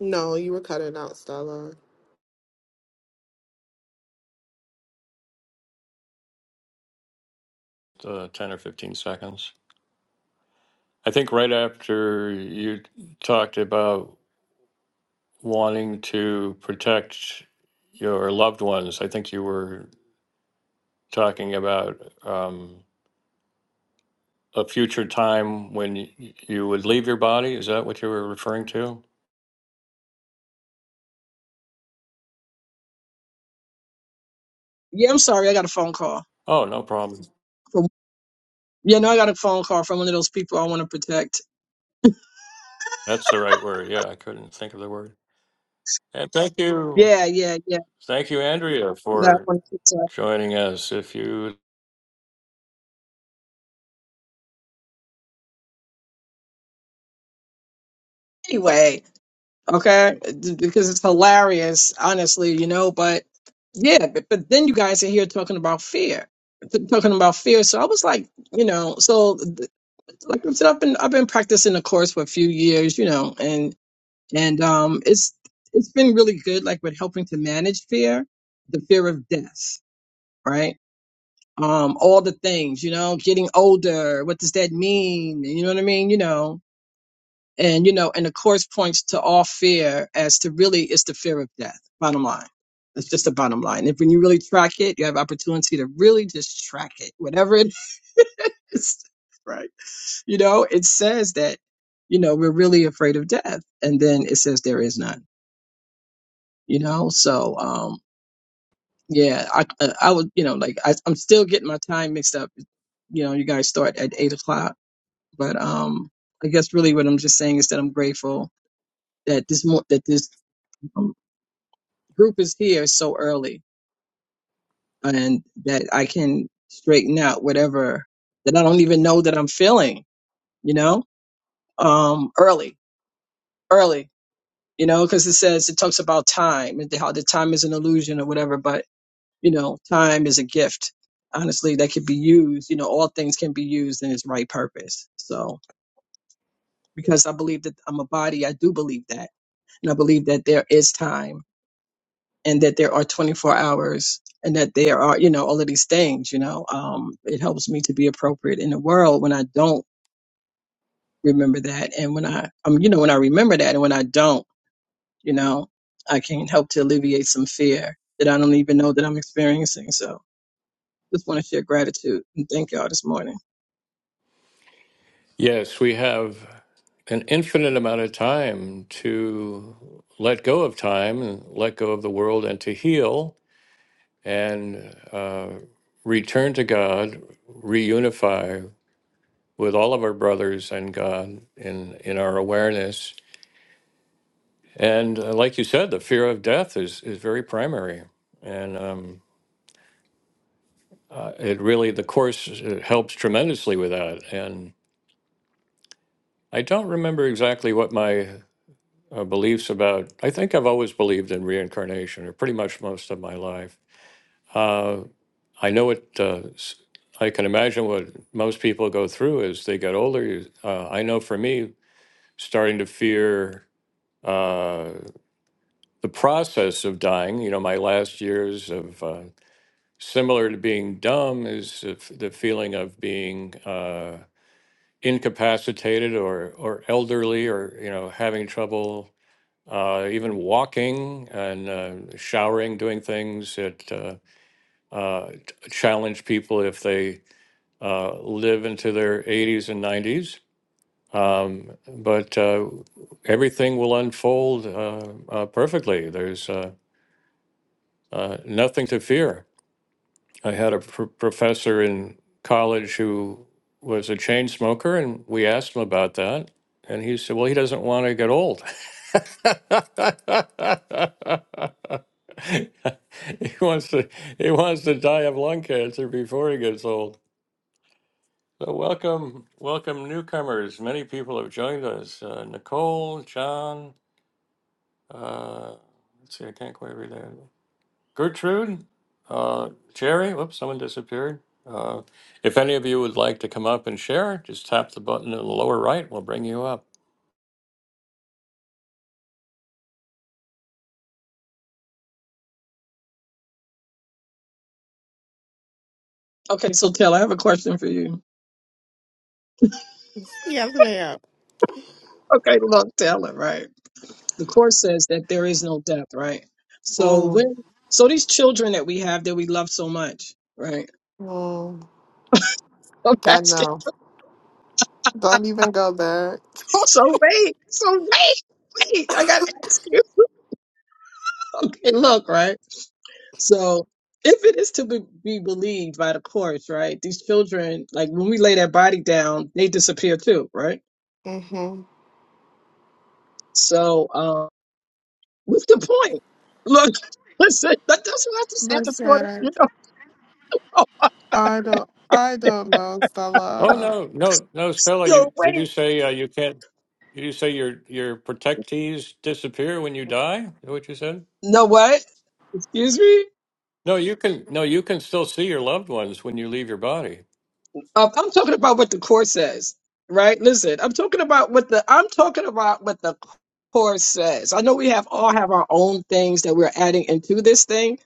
Speaker 2: No, you were cutting out, Stella.
Speaker 1: uh, 10 or 15 seconds. I think right after you talked about wanting to protect your loved ones, I think you were talking about um, a future time when y- you would leave your body. Is that what you were referring to?
Speaker 3: Yeah, I'm sorry, I got a phone call.
Speaker 1: Oh, no problem.
Speaker 3: From, yeah, no, I got a phone call from one of those people I want to protect.
Speaker 1: That's the right word. Yeah, I couldn't think of the word. And thank you.
Speaker 3: Yeah, yeah, yeah.
Speaker 1: Thank you, Andrea,
Speaker 3: That I
Speaker 1: for
Speaker 3: want to protect.
Speaker 1: joining us. If you
Speaker 3: Anyway, okay D- because it's hilarious honestly you know but yeah but, but then you guys are here talking about fear t- talking about fear so i was like you know so th- like i said i've been i've been practicing the course for a few years you know and and um it's it's been really good like with helping to manage fear the fear of death right um all the things you know getting older what does that mean you know what i mean you know and, you know, and the course points to all fear as to really it's the fear of death, bottom line. That's just the bottom line. If when you really track it, you have opportunity to really just track it, whatever it is. Right. You know, it says that, you know, we're really afraid of death. And then it says there is none, you know? So, um, yeah, I, uh, I would, you know, like I, I'm still getting my time mixed up. You know, you guys start at eight o'clock, but, um, I guess really what I'm just saying is that I'm grateful that this, mo- that this um, group is here so early and that I can straighten out whatever that I don't even know that I'm feeling, you know, um, early, early, you know, because it says it talks about time and how the time is an illusion or whatever, but you know, time is a gift. Honestly, that could be used. You know, all things can be used in its right purpose. So, because I believe that I'm a body, I do believe that, and I believe that there is time and that there are 24 hours and that there are you know all of these things you know um it helps me to be appropriate in the world when i don't remember that and when i um you know when i remember that and when i don't you know i can help to alleviate some fear that i don't even know that i'm experiencing so just want to share gratitude and thank y'all this morning
Speaker 1: Yes, we have an infinite amount of time to let go of time and let go of the world and to heal and uh, return to God, reunify with all of our brothers and God in, in our awareness. And uh, like you said, the fear of death is, is very primary. And um, uh, it really, the Course uh helps tremendously with that. And I don't remember exactly what my uh, beliefs about. I think I've always believed in reincarnation, or pretty much most of my life. Uh, I know it. Uh, s- I can imagine what most people go through as they get older. You- Uh, I know for me, starting to fear uh, the process of dying. You know, my last years of uh, similar to being dumb is the f- the feeling of being. Uh, incapacitated or or elderly or you know having trouble uh, even walking and uh, showering, doing things that uh, uh, challenge people if they uh, live into their 80s and 90s. Um, but uh, everything will unfold uh, uh, perfectly. There's uh, uh, nothing to fear. I had a pr- professor in college who was a chain smoker, and we asked him about that. And he said, Well, he doesn't want to get old. He wants to he wants to die of lung cancer before he gets old. So welcome, welcome newcomers. Many people have joined us. Uh, Nicole, John, uh, let's see, I can't quite read that. Gertrude, uh, Jerry. Whoops, someone disappeared. Uh, if any of you would like to come up and share, just tap the button in the lower right. We'll bring you up.
Speaker 3: okay so taylor i have a question for you
Speaker 2: Yeah, I'm coming out.
Speaker 3: okay look taylor right the course says that there is no death right so
Speaker 2: Mm.
Speaker 3: when so these children that we have that we love so much right
Speaker 2: Mm.
Speaker 3: Oh,
Speaker 2: I
Speaker 3: Pastor.
Speaker 2: know. Don't even go there.
Speaker 3: So wait, so wait, wait. I gotta ask you. Okay, look, right. So if it is to be, be believed by the courts, right? These children, like when we lay that body down, they disappear too, right?
Speaker 2: mm-hmm.
Speaker 3: So, um, what's the point? Look, listen, that, that's what I just said
Speaker 2: But
Speaker 3: this morning.
Speaker 2: Sarah,
Speaker 3: You know, oh,
Speaker 2: I don't. I don't know,
Speaker 1: Oh
Speaker 2: Stella.
Speaker 1: no, no, no, Stella. You
Speaker 3: yo,
Speaker 1: did
Speaker 3: wait.
Speaker 1: you say uh, you can't? Did you say your your protectees disappear when you die? Is that what you said?
Speaker 3: No, what? Excuse me?
Speaker 1: No, you can no, you can still see your loved ones when you leave your body.
Speaker 3: Um, I'm talking about what the court says, right? Listen, I'm talking about what the I'm talking about what the court says. I know we have all have our own things that we're adding into this thing,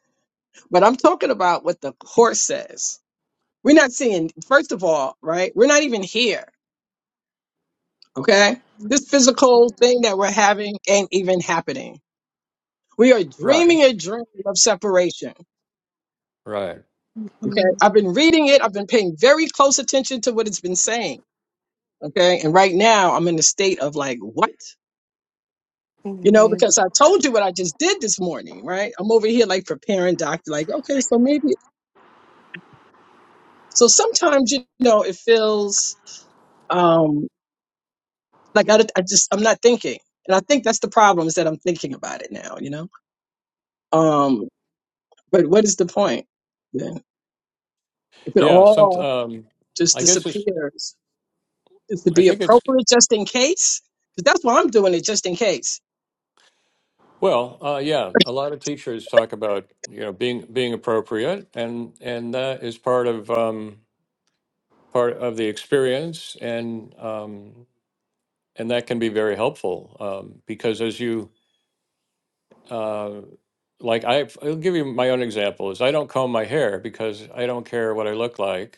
Speaker 3: but I'm talking about what the court says. We're not seeing, first of all, right? We're not even here, okay? This physical thing that we're having ain't even happening. We are dreaming
Speaker 1: Right.
Speaker 3: a dream of separation.
Speaker 1: Right.
Speaker 3: Okay. I've been reading it. I've been paying very close attention to what it's been saying. Okay. And right now I'm in a state of like, what? you know,
Speaker 2: hmm
Speaker 3: because I told you what I just did this morning, right? I'm over here like preparing doctor, like, okay, so maybe, so sometimes, you know, it feels um, like I, I just, I'm not thinking. And I think that's the problem is that I'm thinking about it now, you know? Um, but what is the point then? If it
Speaker 1: Yeah. Some.
Speaker 3: all
Speaker 1: Um,
Speaker 3: just
Speaker 1: I guess it's.
Speaker 3: disappears, is to
Speaker 1: I
Speaker 3: be
Speaker 1: think it's.
Speaker 3: appropriate just in case? Because that's why I'm doing it just in case.
Speaker 1: Well. Uh, yeah. A lot of teachers talk about you know being being appropriate, and and that is part of um, part of the experience, and um, and that can be very helpful um, because as you. Uh, like I, I'll give you my own example. Is I don't comb my hair because I don't care what I look like,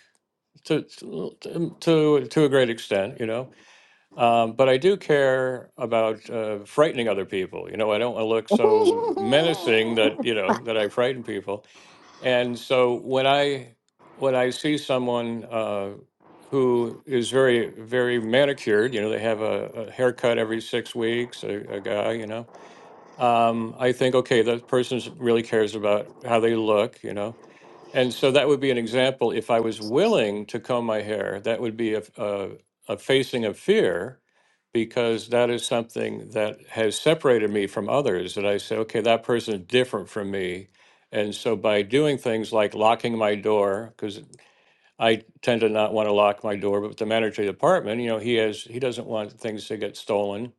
Speaker 1: to to to a great extent, you know. Um, but I do care about uh, frightening other people. You know, I don't want to look so menacing that you know that I frighten people. And so when I when I see someone uh, who is very very manicured, you know, they have a, a haircut every six weeks, a, a guy, you know, um, I think okay, that person really cares about how they look, you know and so that would be an example. If I was willing to comb my hair, that would be a, a, a facing of fear because that is something that has separated me from others. That I say, okay, that person is different from me. And so by doing things like locking my door, because I tend to not want to lock my door, but with the manager of the apartment, you know, he has he doesn't want things to get stolen.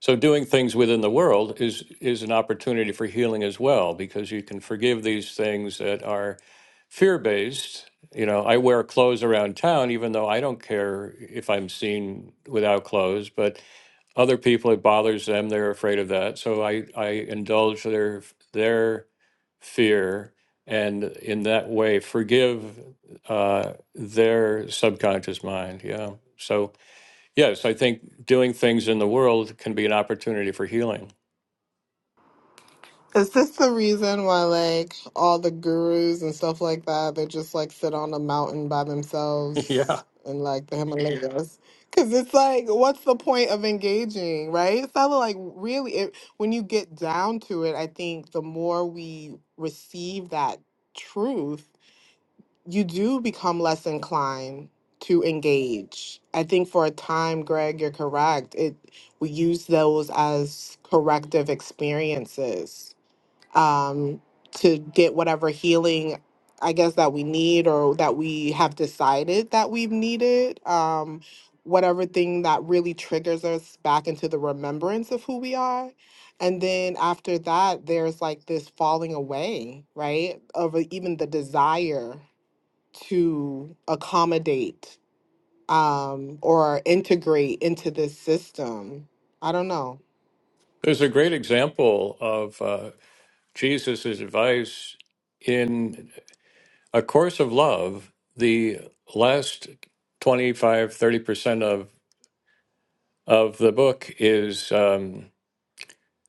Speaker 1: So doing things within the world is is an opportunity for healing as well, because you can forgive these things that are fear based. You know, I wear clothes around town, even though I don't care if I'm seen without clothes. But other people, it bothers them; they're afraid of that. So I I indulge their their fear, and in that way, forgive uh, their subconscious mind. Yeah. So yes, I think doing things in the world can be an opportunity for healing.
Speaker 2: Is this the reason why, like, all the gurus and stuff like that, they just like sit on a mountain by
Speaker 1: yeah.
Speaker 2: themselves in like the Himalayas? Because it's like, what's the point of engaging, right? So, like, really, it, when you get down to it, I think the more we receive that truth, you do become less inclined to engage. I think for a time, Greg, you're correct. It we use those as corrective experiences um, to get whatever healing, I guess that we need or that we have decided that we've needed. Um, whatever thing that really triggers us back into the remembrance of who we are. And then after that, there's like this falling away, right? Of uh, even the desire to accommodate um, or integrate into this system. I don't know.
Speaker 1: There's a great example of uh, Jesus' advice. in A Course of Love, the last twenty-five, thirty percent of, of the book is, um,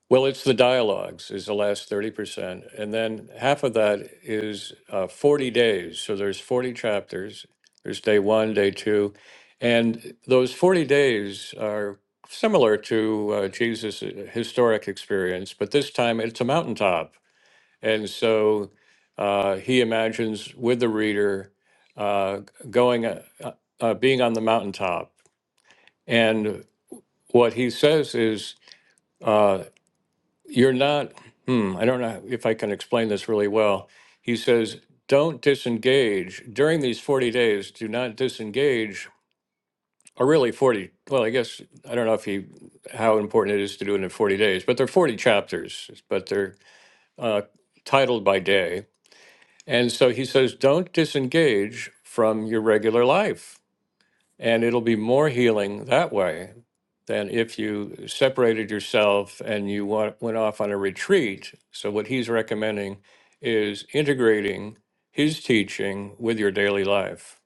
Speaker 1: well, it's the dialogues, is the last 30%. And then half of that is uh, 40 days. So there's 40 chapters. There's day one, day two. And those 40 days are similar to uh, Jesus' historic experience, but this time it's a mountaintop. And so uh, he imagines with the reader uh, going, uh, uh, being on the mountaintop. And what he says is, uh, you're not, hmm, I don't know if I can explain this really well. He says, don't disengage during these 40 days, do not disengage. Or really 40, well, I guess, I don't know if he, how important it is to do it in 40 days, but they're 40 chapters, but they're uh, titled by day And so he says, don't disengage from your regular life. And it'll be more healing that way than if you separated yourself and you wa- went off on a retreat. So, what he's recommending is integrating his teaching with your daily life.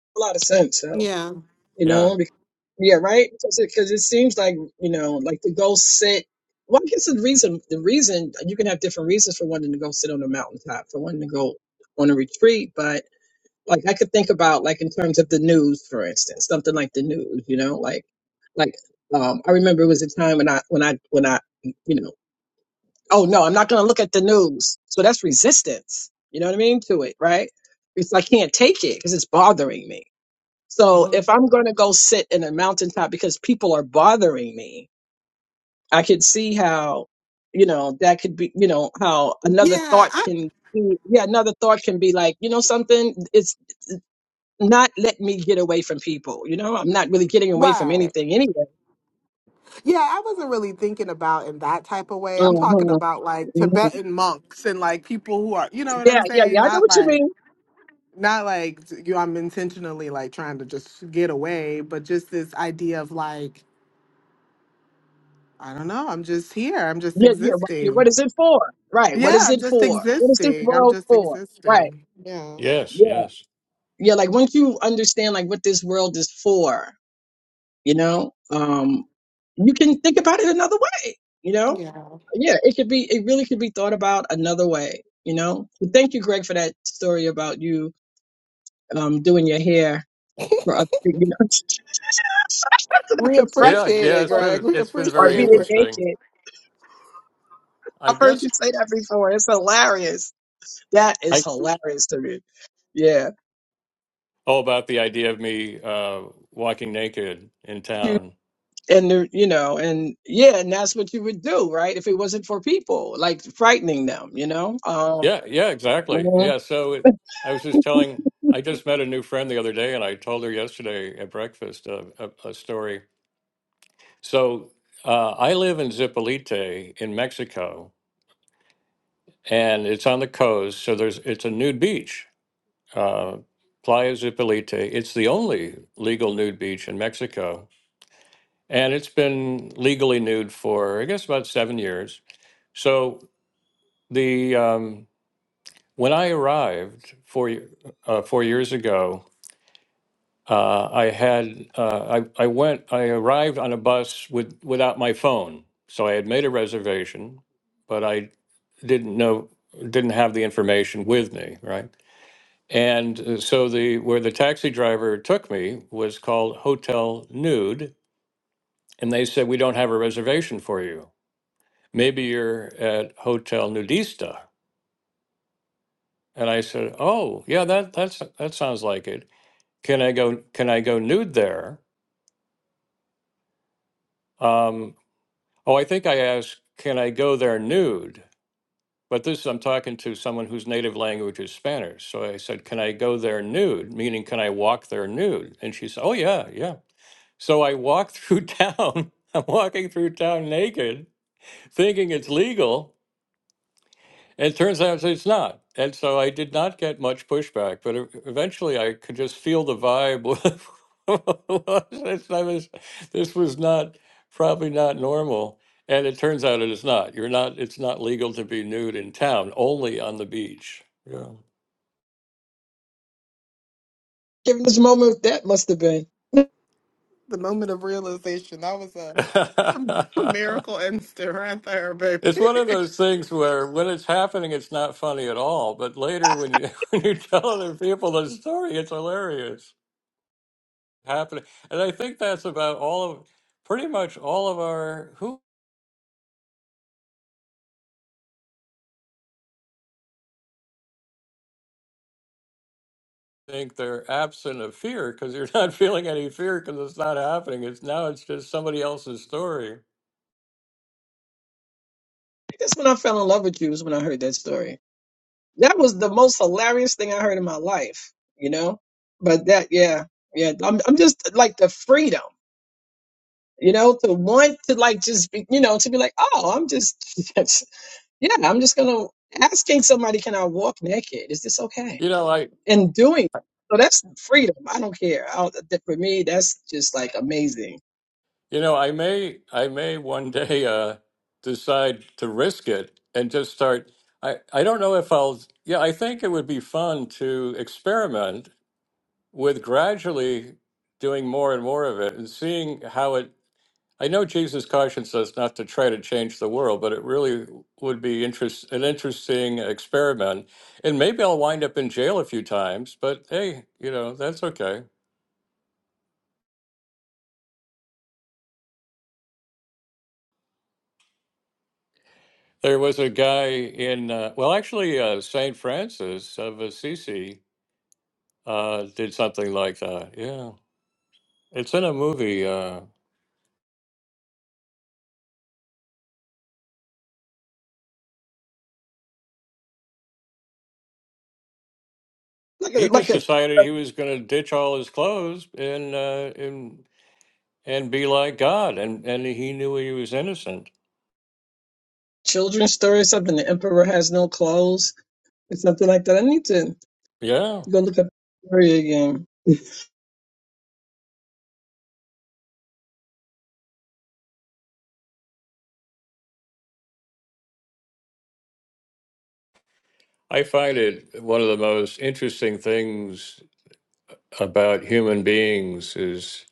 Speaker 3: A lot of sense. So.
Speaker 2: Yeah.
Speaker 3: you
Speaker 1: Yeah.
Speaker 3: know because, yeah right because it seems like you know like to go sit well i guess the reason the reason you can have different reasons for wanting to go sit on a mountaintop for wanting to go on a retreat but like i could think about like in terms of the news for instance something like the news you know like like um i remember it was a time when i when i when i you know oh no i'm not going to look at the news so that's resistance you know what i mean to it right it's i can't take it because it's bothering me so
Speaker 2: hmm
Speaker 3: if I'm going to go sit in a mountaintop because people are bothering me, I could see how, you know, that could be, you know, how
Speaker 2: Yeah.
Speaker 3: another thought
Speaker 2: I,
Speaker 3: can, be- yeah, another thought can be like, you know, something. It's not let me get away from people. You know, I'm not really getting away from
Speaker 2: right.
Speaker 3: anything anyway.
Speaker 2: Yeah. I wasn't really thinking about in that type of way. I'm talking
Speaker 3: Mhm,
Speaker 2: about like
Speaker 3: mhm.
Speaker 2: Tibetan monks and like people who are, you know what
Speaker 3: Yeah,
Speaker 2: I'm
Speaker 3: yeah, yeah.
Speaker 2: saying?
Speaker 3: I know
Speaker 2: Not
Speaker 3: what you
Speaker 2: like,
Speaker 3: mean.
Speaker 2: not like you know, I'm intentionally like trying to just get away, but just this idea of like, I don't know. I'm just here. I'm just
Speaker 3: Yeah, yeah. wh- yeah, What
Speaker 2: existing.
Speaker 3: is it for? Right. What
Speaker 2: Yeah.
Speaker 3: is
Speaker 2: I'm
Speaker 3: it
Speaker 2: just
Speaker 3: for? What is this
Speaker 2: existing. I'm
Speaker 3: world
Speaker 2: just
Speaker 3: for? Right.
Speaker 2: existing. Yeah.
Speaker 1: Yes.
Speaker 3: Yeah.
Speaker 1: Yes.
Speaker 3: Yeah. Like once you understand like what this world is for, You know, um, you can think about it another way. You know,
Speaker 2: Yeah.
Speaker 3: yeah, it could be. It really could be thought about another way. You know. So thank you, Greg, for that story about you um, doing your hair for other people. You know, so not
Speaker 2: We
Speaker 3: the fretful
Speaker 1: Yeah.
Speaker 2: appreciate
Speaker 1: Yeah.
Speaker 2: it,
Speaker 1: It's
Speaker 2: Greg.
Speaker 1: been,
Speaker 2: We
Speaker 1: it's been
Speaker 3: or
Speaker 1: very
Speaker 2: appreciate
Speaker 3: being
Speaker 2: it.
Speaker 1: interesting.
Speaker 3: naked.
Speaker 1: I
Speaker 3: I've heard
Speaker 1: guess
Speaker 3: you say that before. It's hilarious. That is
Speaker 1: I,
Speaker 3: hilarious to me. Yeah.
Speaker 1: oh, about the idea of me uh, walking naked in
Speaker 3: You
Speaker 1: town.
Speaker 3: and the, you know, and yeah, and that's what you would do, right? If it wasn't for people, like frightening them, you know. Um,
Speaker 1: Yeah, yeah, exactly.
Speaker 3: mm-hmm.
Speaker 1: Yeah, so it, I was just telling, I just met a new friend the other day, and I told her yesterday at breakfast a, a, a story. So uh, I live in Zipolite in Mexico, and it's on the coast. So there's it's a nude beach, uh, Playa Zipolite. It's the only legal nude beach in Mexico, and it's been legally nude for I guess about seven years. So the um, when I arrived four y- uh, four years ago Uh, I had uh, I I went I arrived on a bus with without my phone, so I had made a reservation, but I didn't know didn't have the information with me, right? And uh, so the where the taxi driver took me was called Hotel Nude, and they said we don't have a reservation for you. Maybe you're at Hotel Nudista, and I said, oh yeah, that that's that sounds like it. Can I go? Can I go nude there? Um, Oh, I think I asked, can I go there nude? But this, I'm talking to someone whose native language is Spanish. So I said, can I go there nude? Meaning, can I walk there nude? And she said, oh, yeah, yeah. So I walked through town. I'm walking through town naked, thinking it's legal. And it turns out it's not. And so I did not get much pushback, but e- eventually I could just feel the vibe. was- this, I was, this was not, probably not normal. And it turns out it is not. You're not, it's not legal to be nude in town, only on the beach. Yeah.
Speaker 3: Given this moment, that must have been.
Speaker 2: The moment of realization. That was a, a miracle instant right there, baby.
Speaker 1: it's one of those things where when it's happening, it's not funny at all. But later, when you, when you tell other people the story, it's hilarious. happening. And I think that's about all of pretty much all of our who think they're absent of fear because you're not feeling any fear because it's not happening. It's now it's just somebody else's story.
Speaker 3: That's when I fell in love with you. Is when I heard that story. That was the most hilarious thing I heard in my life. You know, but that, yeah, yeah. I'm, I'm just like the freedom. You know, to want to like just be, you know, to be like, oh, I'm just, yeah, I'm just gonna asking somebody, can I walk naked? Is this okay?
Speaker 1: You know, I
Speaker 3: And doing so that's freedom. I don't care. I, that- for me, that's just like amazing.
Speaker 1: you know, I may I may one day uh decide to risk it and just start I, I don't know if I'll yeah, I think it would be fun to experiment with gradually doing more and more of it and seeing how it I know Jesus cautions us not to try to change the world, but it really would be interest, an interesting experiment. And maybe I'll wind up in jail a few times, but hey, you know, that's okay. There was a guy in, uh, well, actually, uh, St. Francis of Assisi uh, did something like that. Yeah. It's in a movie. Uh,
Speaker 3: Like a,
Speaker 1: he
Speaker 3: like
Speaker 1: just
Speaker 3: a
Speaker 1: decided he was going to ditch all his clothes and, uh, and, and be like God. And, and he knew he was innocent.
Speaker 3: children's story, something. The emperor has no clothes It's something like that. I need to
Speaker 1: Yeah.
Speaker 3: go look up the area again.
Speaker 1: I find it one of the most interesting things about human beings is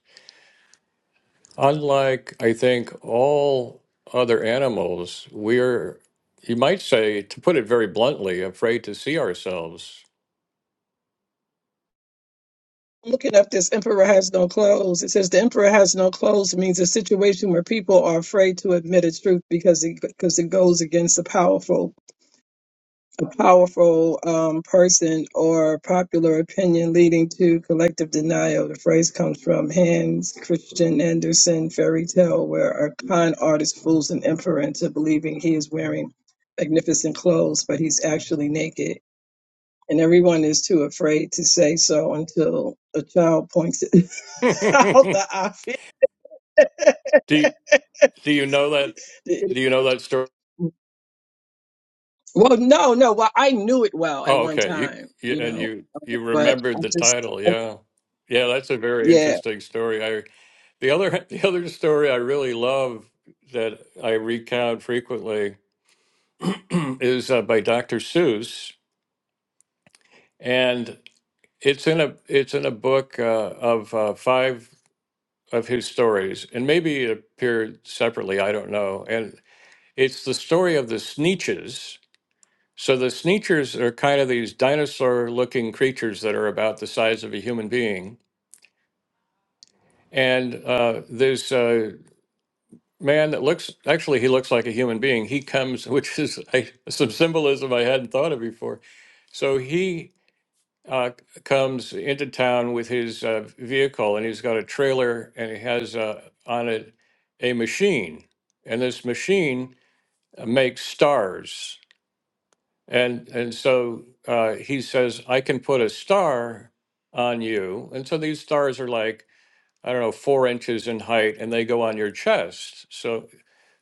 Speaker 1: unlike, I think, all other animals, we're, you might say, to put it very bluntly, afraid to see ourselves.
Speaker 3: I'm Looking up this emperor has no clothes. It says the emperor has no clothes means a situation where people are afraid to admit its truth because it because it goes against the powerful a powerful um, person or popular opinion leading to collective denial. The phrase comes from Hans Christian Andersen fairy tale, where a con artist fools an emperor into believing he is wearing magnificent clothes, but he's actually naked. And everyone is too afraid to say so until a child points it out
Speaker 1: do
Speaker 3: the obvious.
Speaker 1: you do you know that? Do you know that story?
Speaker 3: The Well, no, no. Well, I knew it well at
Speaker 1: Oh,
Speaker 3: one
Speaker 1: okay. You,
Speaker 3: time,
Speaker 1: you
Speaker 3: you
Speaker 1: and
Speaker 3: know,
Speaker 1: you
Speaker 3: um,
Speaker 1: you
Speaker 3: but I
Speaker 1: remembered the
Speaker 3: just,
Speaker 1: title, yeah, yeah. That's a very
Speaker 3: yeah.
Speaker 1: interesting story. I the other the other story I really love that I recount frequently is uh, by Dr. Seuss, and it's in a it's in a book uh, of uh, five of his stories, and maybe it appeared separately. I don't know. And it's the story of the Sneetches. So the Sneetches are kind of these dinosaur-looking creatures that are about the size of a human being. And uh, there's a man that looks actually he looks like a human being. He comes, which is I, some symbolism I hadn't thought of before. So he uh, comes into town with his uh, vehicle and he's got a trailer and he has uh, on it a machine. And this machine uh, makes stars. And, and so uh, he says, I can put a star on you. And so these stars are like, I don't know, four inches in height and they go on your chest. So,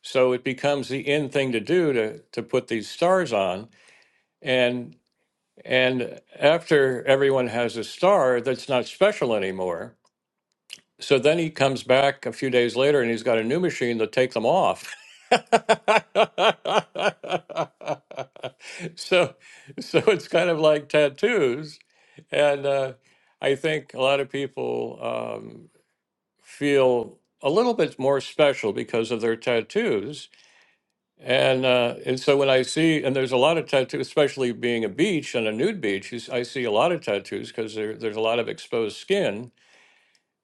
Speaker 1: so it becomes the in thing to do to, to put these stars on. And after everyone has a star, that's not special anymore. So then he comes back a few days later and he's got a new machine to take them off. so, so it's kind of like tattoos. And uh, I think a lot of people um, feel a little bit more special because of their tattoos and uh, and so when I see and there's a lot of tattoos, especially being a beach and a nude beach, you s- I see a lot of tattoos because there there's a lot of exposed skin,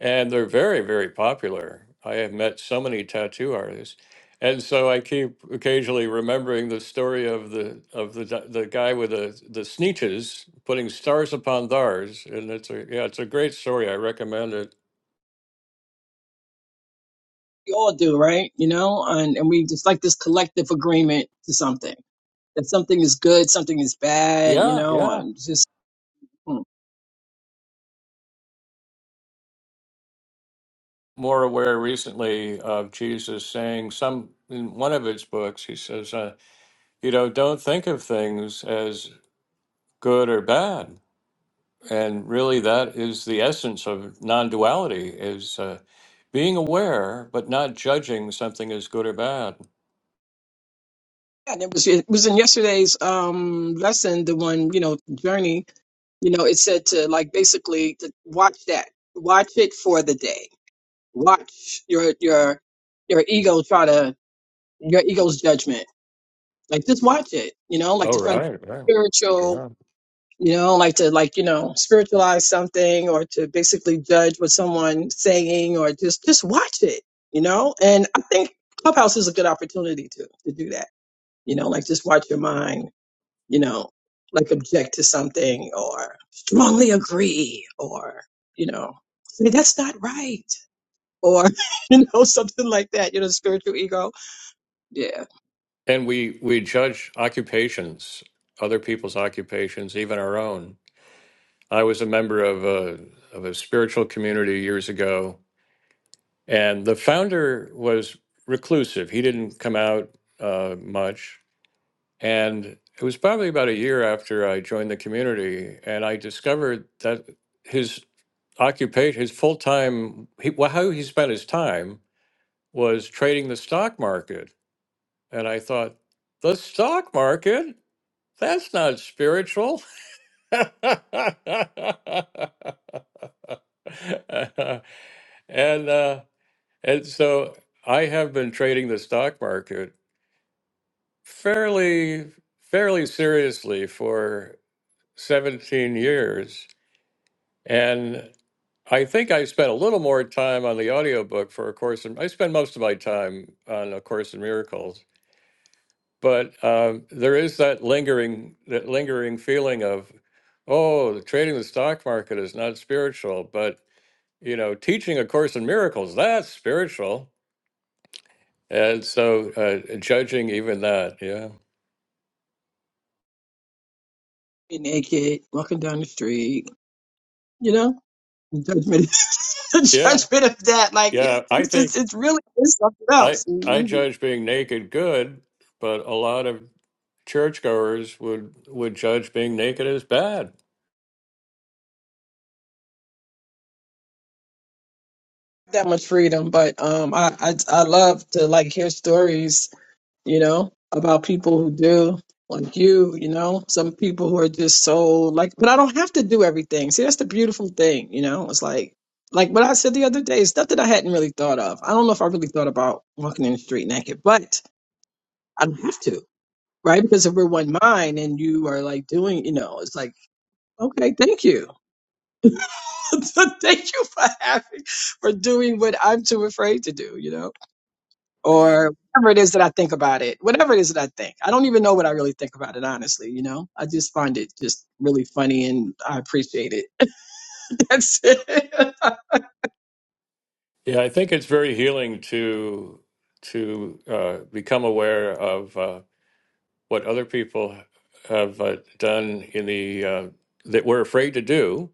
Speaker 1: and they're very very popular. I have met so many tattoo artists, and so I keep occasionally remembering the story of the of the d- the guy with the the sneeches putting stars upon thars, and it's a yeah it's a great story. I recommend it.
Speaker 3: we all do, right? You know, and, and we just like this collective agreement to something that something is good, something is bad, you
Speaker 1: Yeah, yeah.
Speaker 3: know, and it's just hmm.
Speaker 1: More aware recently of Jesus saying some in one of his books, he says. Uh, you know, don't think of things as good or bad. And really, that is the essence of non-duality: is uh, being aware but not judging something as good or bad.
Speaker 3: Yeah, and it was it was in yesterday's um lesson, the one you know journey You know, it said to like basically to watch that, watch it for the day, watch your your your ego try to your ego's judgment. Like just watch it. You know, like
Speaker 1: Oh,
Speaker 3: to try to
Speaker 1: right, right,
Speaker 3: be spiritual.
Speaker 1: yeah.
Speaker 3: You know, like to like you know spiritualize something or to basically judge what someone's saying or just just watch it. You know, and I think Clubhouse is a good opportunity to to do that. You know, like just watch your mind you know, like object to something or strongly agree or, you know, say that's not right or, you know, something like that, you know, spiritual ego. Yeah.
Speaker 1: And we we judge occupations, other people's occupations, even our own. I was a member of a of a spiritual community years ago, and the founder was reclusive. He didn't come out uh, much, And it was probably about a year after I joined the community, and I discovered that his occupation, his full time, he, well, how he spent his time was trading the stock market. And I thought, the stock market? That's not spiritual. and uh, and so I have been trading the stock market fairly fairly seriously for 17 years. And I think I spent a little more time on the audiobook for A Course in, I spend most of my time on A Course in Miracles, but um, there is that lingering, that lingering feeling of, oh, trading the stock market is not spiritual, but you know, teaching A Course in Miracles, that's spiritual. And so uh, judging even that, yeah.
Speaker 3: Be naked, walking down the street, you know, judgment, the
Speaker 1: Yeah.
Speaker 3: judgment of that. Like
Speaker 1: Yeah. I
Speaker 3: it's
Speaker 1: think
Speaker 3: just, it's really it's something
Speaker 1: I,
Speaker 3: else.
Speaker 1: I
Speaker 3: Mhm.
Speaker 1: judge being naked good, but a lot of churchgoers would would judge being naked as bad.
Speaker 3: That much freedom, but um, I, I I love to like hear stories you know, about people who do, like you, you know, some people who are just so like, but I don't have to do everything. See, that's the beautiful thing, you know, it's like, like what I said the other day, stuff that I hadn't really thought of. I don't know if I really thought about walking in the street naked, but I don't have to, right? Because if we're one mind and you are like doing, you know, it's like, okay, thank you. thank you for having, for doing what I'm too afraid to do, you know? or whatever it is that I think about it, whatever it is that I think. I don't even know what I really think about it, honestly. You know, I just find it just really funny and I appreciate it. That's it.
Speaker 1: Yeah, I think it's very healing to to uh, become aware of uh, what other people have uh, done in the uh, that we're afraid to do.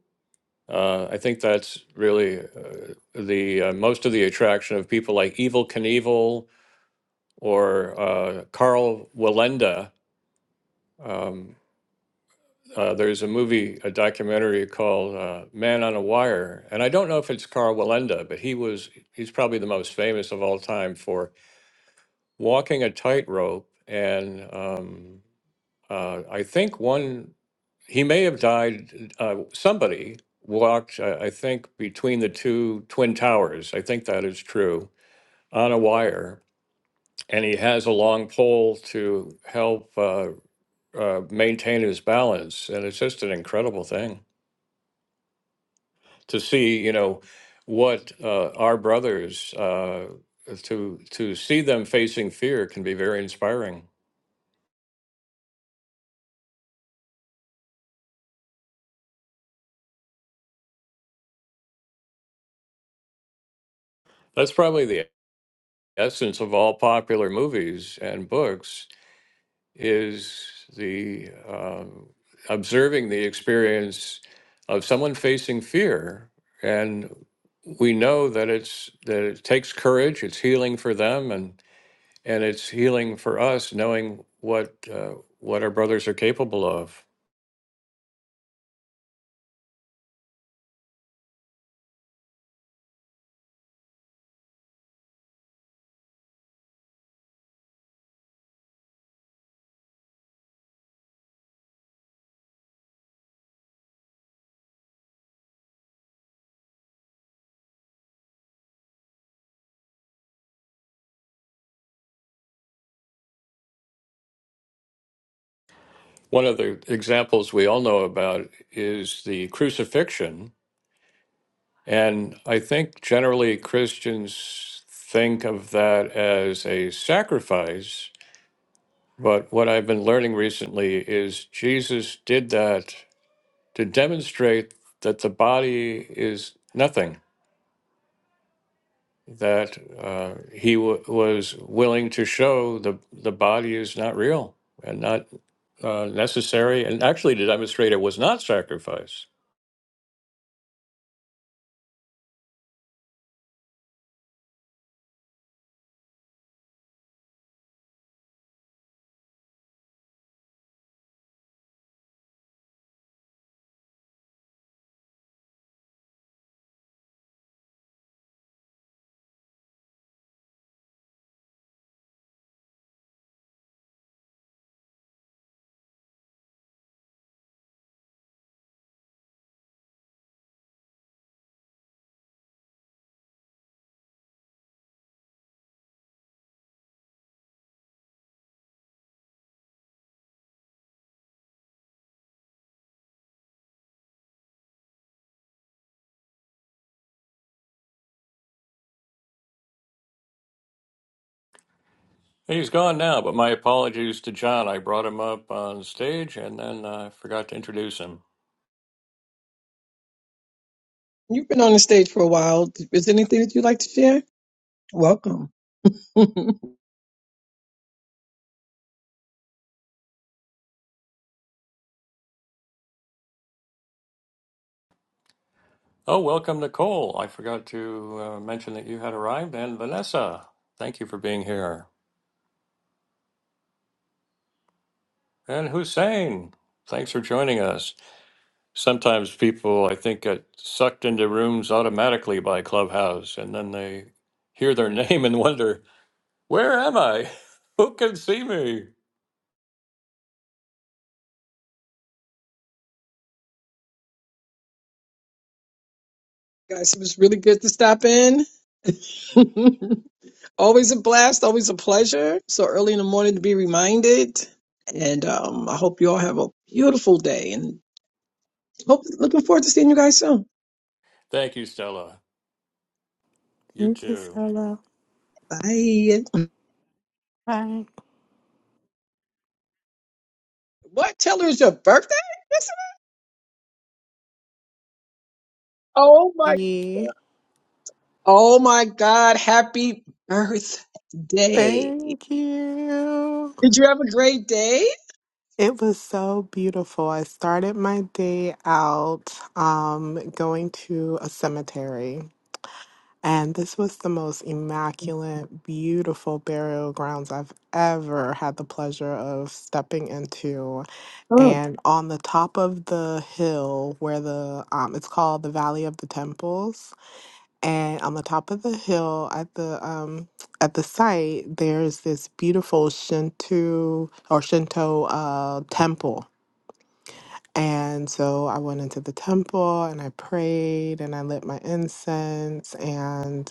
Speaker 1: Uh, I think that's really uh, the uh, most of the attraction of people like Evel Knievel or uh, Carl Walenda. uh, there's a movie, a documentary called uh, Man on a Wire. And I don't know if it's Carl Walenda, but he was, he's probably the most famous of all time for walking a tightrope. And um, uh, I think one, he may have died, uh, somebody walked, I, I think, between the two Twin Towers. I think that is true, on a wire. And he has a long pole to help uh, uh, maintain his balance. And it's just an incredible thing. to see, you know, what uh, our brothers uh, to to see them facing fear can be very inspiring. That's probably the essence of all popular movies and books is the um, observing the experience of someone facing fear, and we know that it's that it takes courage. It's healing for them, and and it's healing for us, knowing what uh, what our brothers are capable of. One of the examples we all know about is the crucifixion. And I think generally Christians think of that as a sacrifice. But what I've been learning recently is Jesus did that to demonstrate that the body is nothing, that uh, he w- was willing to show the, the body is not real and not uh, necessary, and actually to demonstrate it was not sacrifice. He's gone now, but my apologies to John. I brought him up on stage and then I forgot to introduce him.
Speaker 3: You've been on the stage for a while. Is there anything that you'd like to share? Welcome. Guys,
Speaker 1: Oh, welcome, Nicole. I forgot to uh, mention that you had arrived, and Vanessa. Thank you for being here. And Hussein, thanks for joining us. Sometimes people, I think, get sucked into rooms automatically by Clubhouse, and then they hear their name and wonder, Where am I? Who can see me?
Speaker 3: it was really good to stop in. always a blast, always a pleasure. So early in the morning to be reminded. And um, I hope you all have a beautiful day and hope looking forward to seeing you guys soon.
Speaker 1: Thank you, Stella. You
Speaker 2: Thank you,
Speaker 1: too.
Speaker 2: Solo.
Speaker 3: Bye.
Speaker 2: Bye.
Speaker 3: What? Tell her it's your birthday? That's- Oh my
Speaker 2: Yeah.
Speaker 3: Oh my God, happy birthday.
Speaker 2: Thank you.
Speaker 3: Did you have a great day?
Speaker 2: It was so beautiful. I started my day out um, going to a cemetery, and this was the most immaculate, beautiful burial grounds I've ever had the pleasure of stepping into.
Speaker 3: Oh,
Speaker 2: and on the top of the hill where the um it's called the Valley of the Temples and on the top of the hill at the um at the site there's this beautiful Shinto or Shinto uh temple and so I went into the temple and I prayed and I lit my incense and.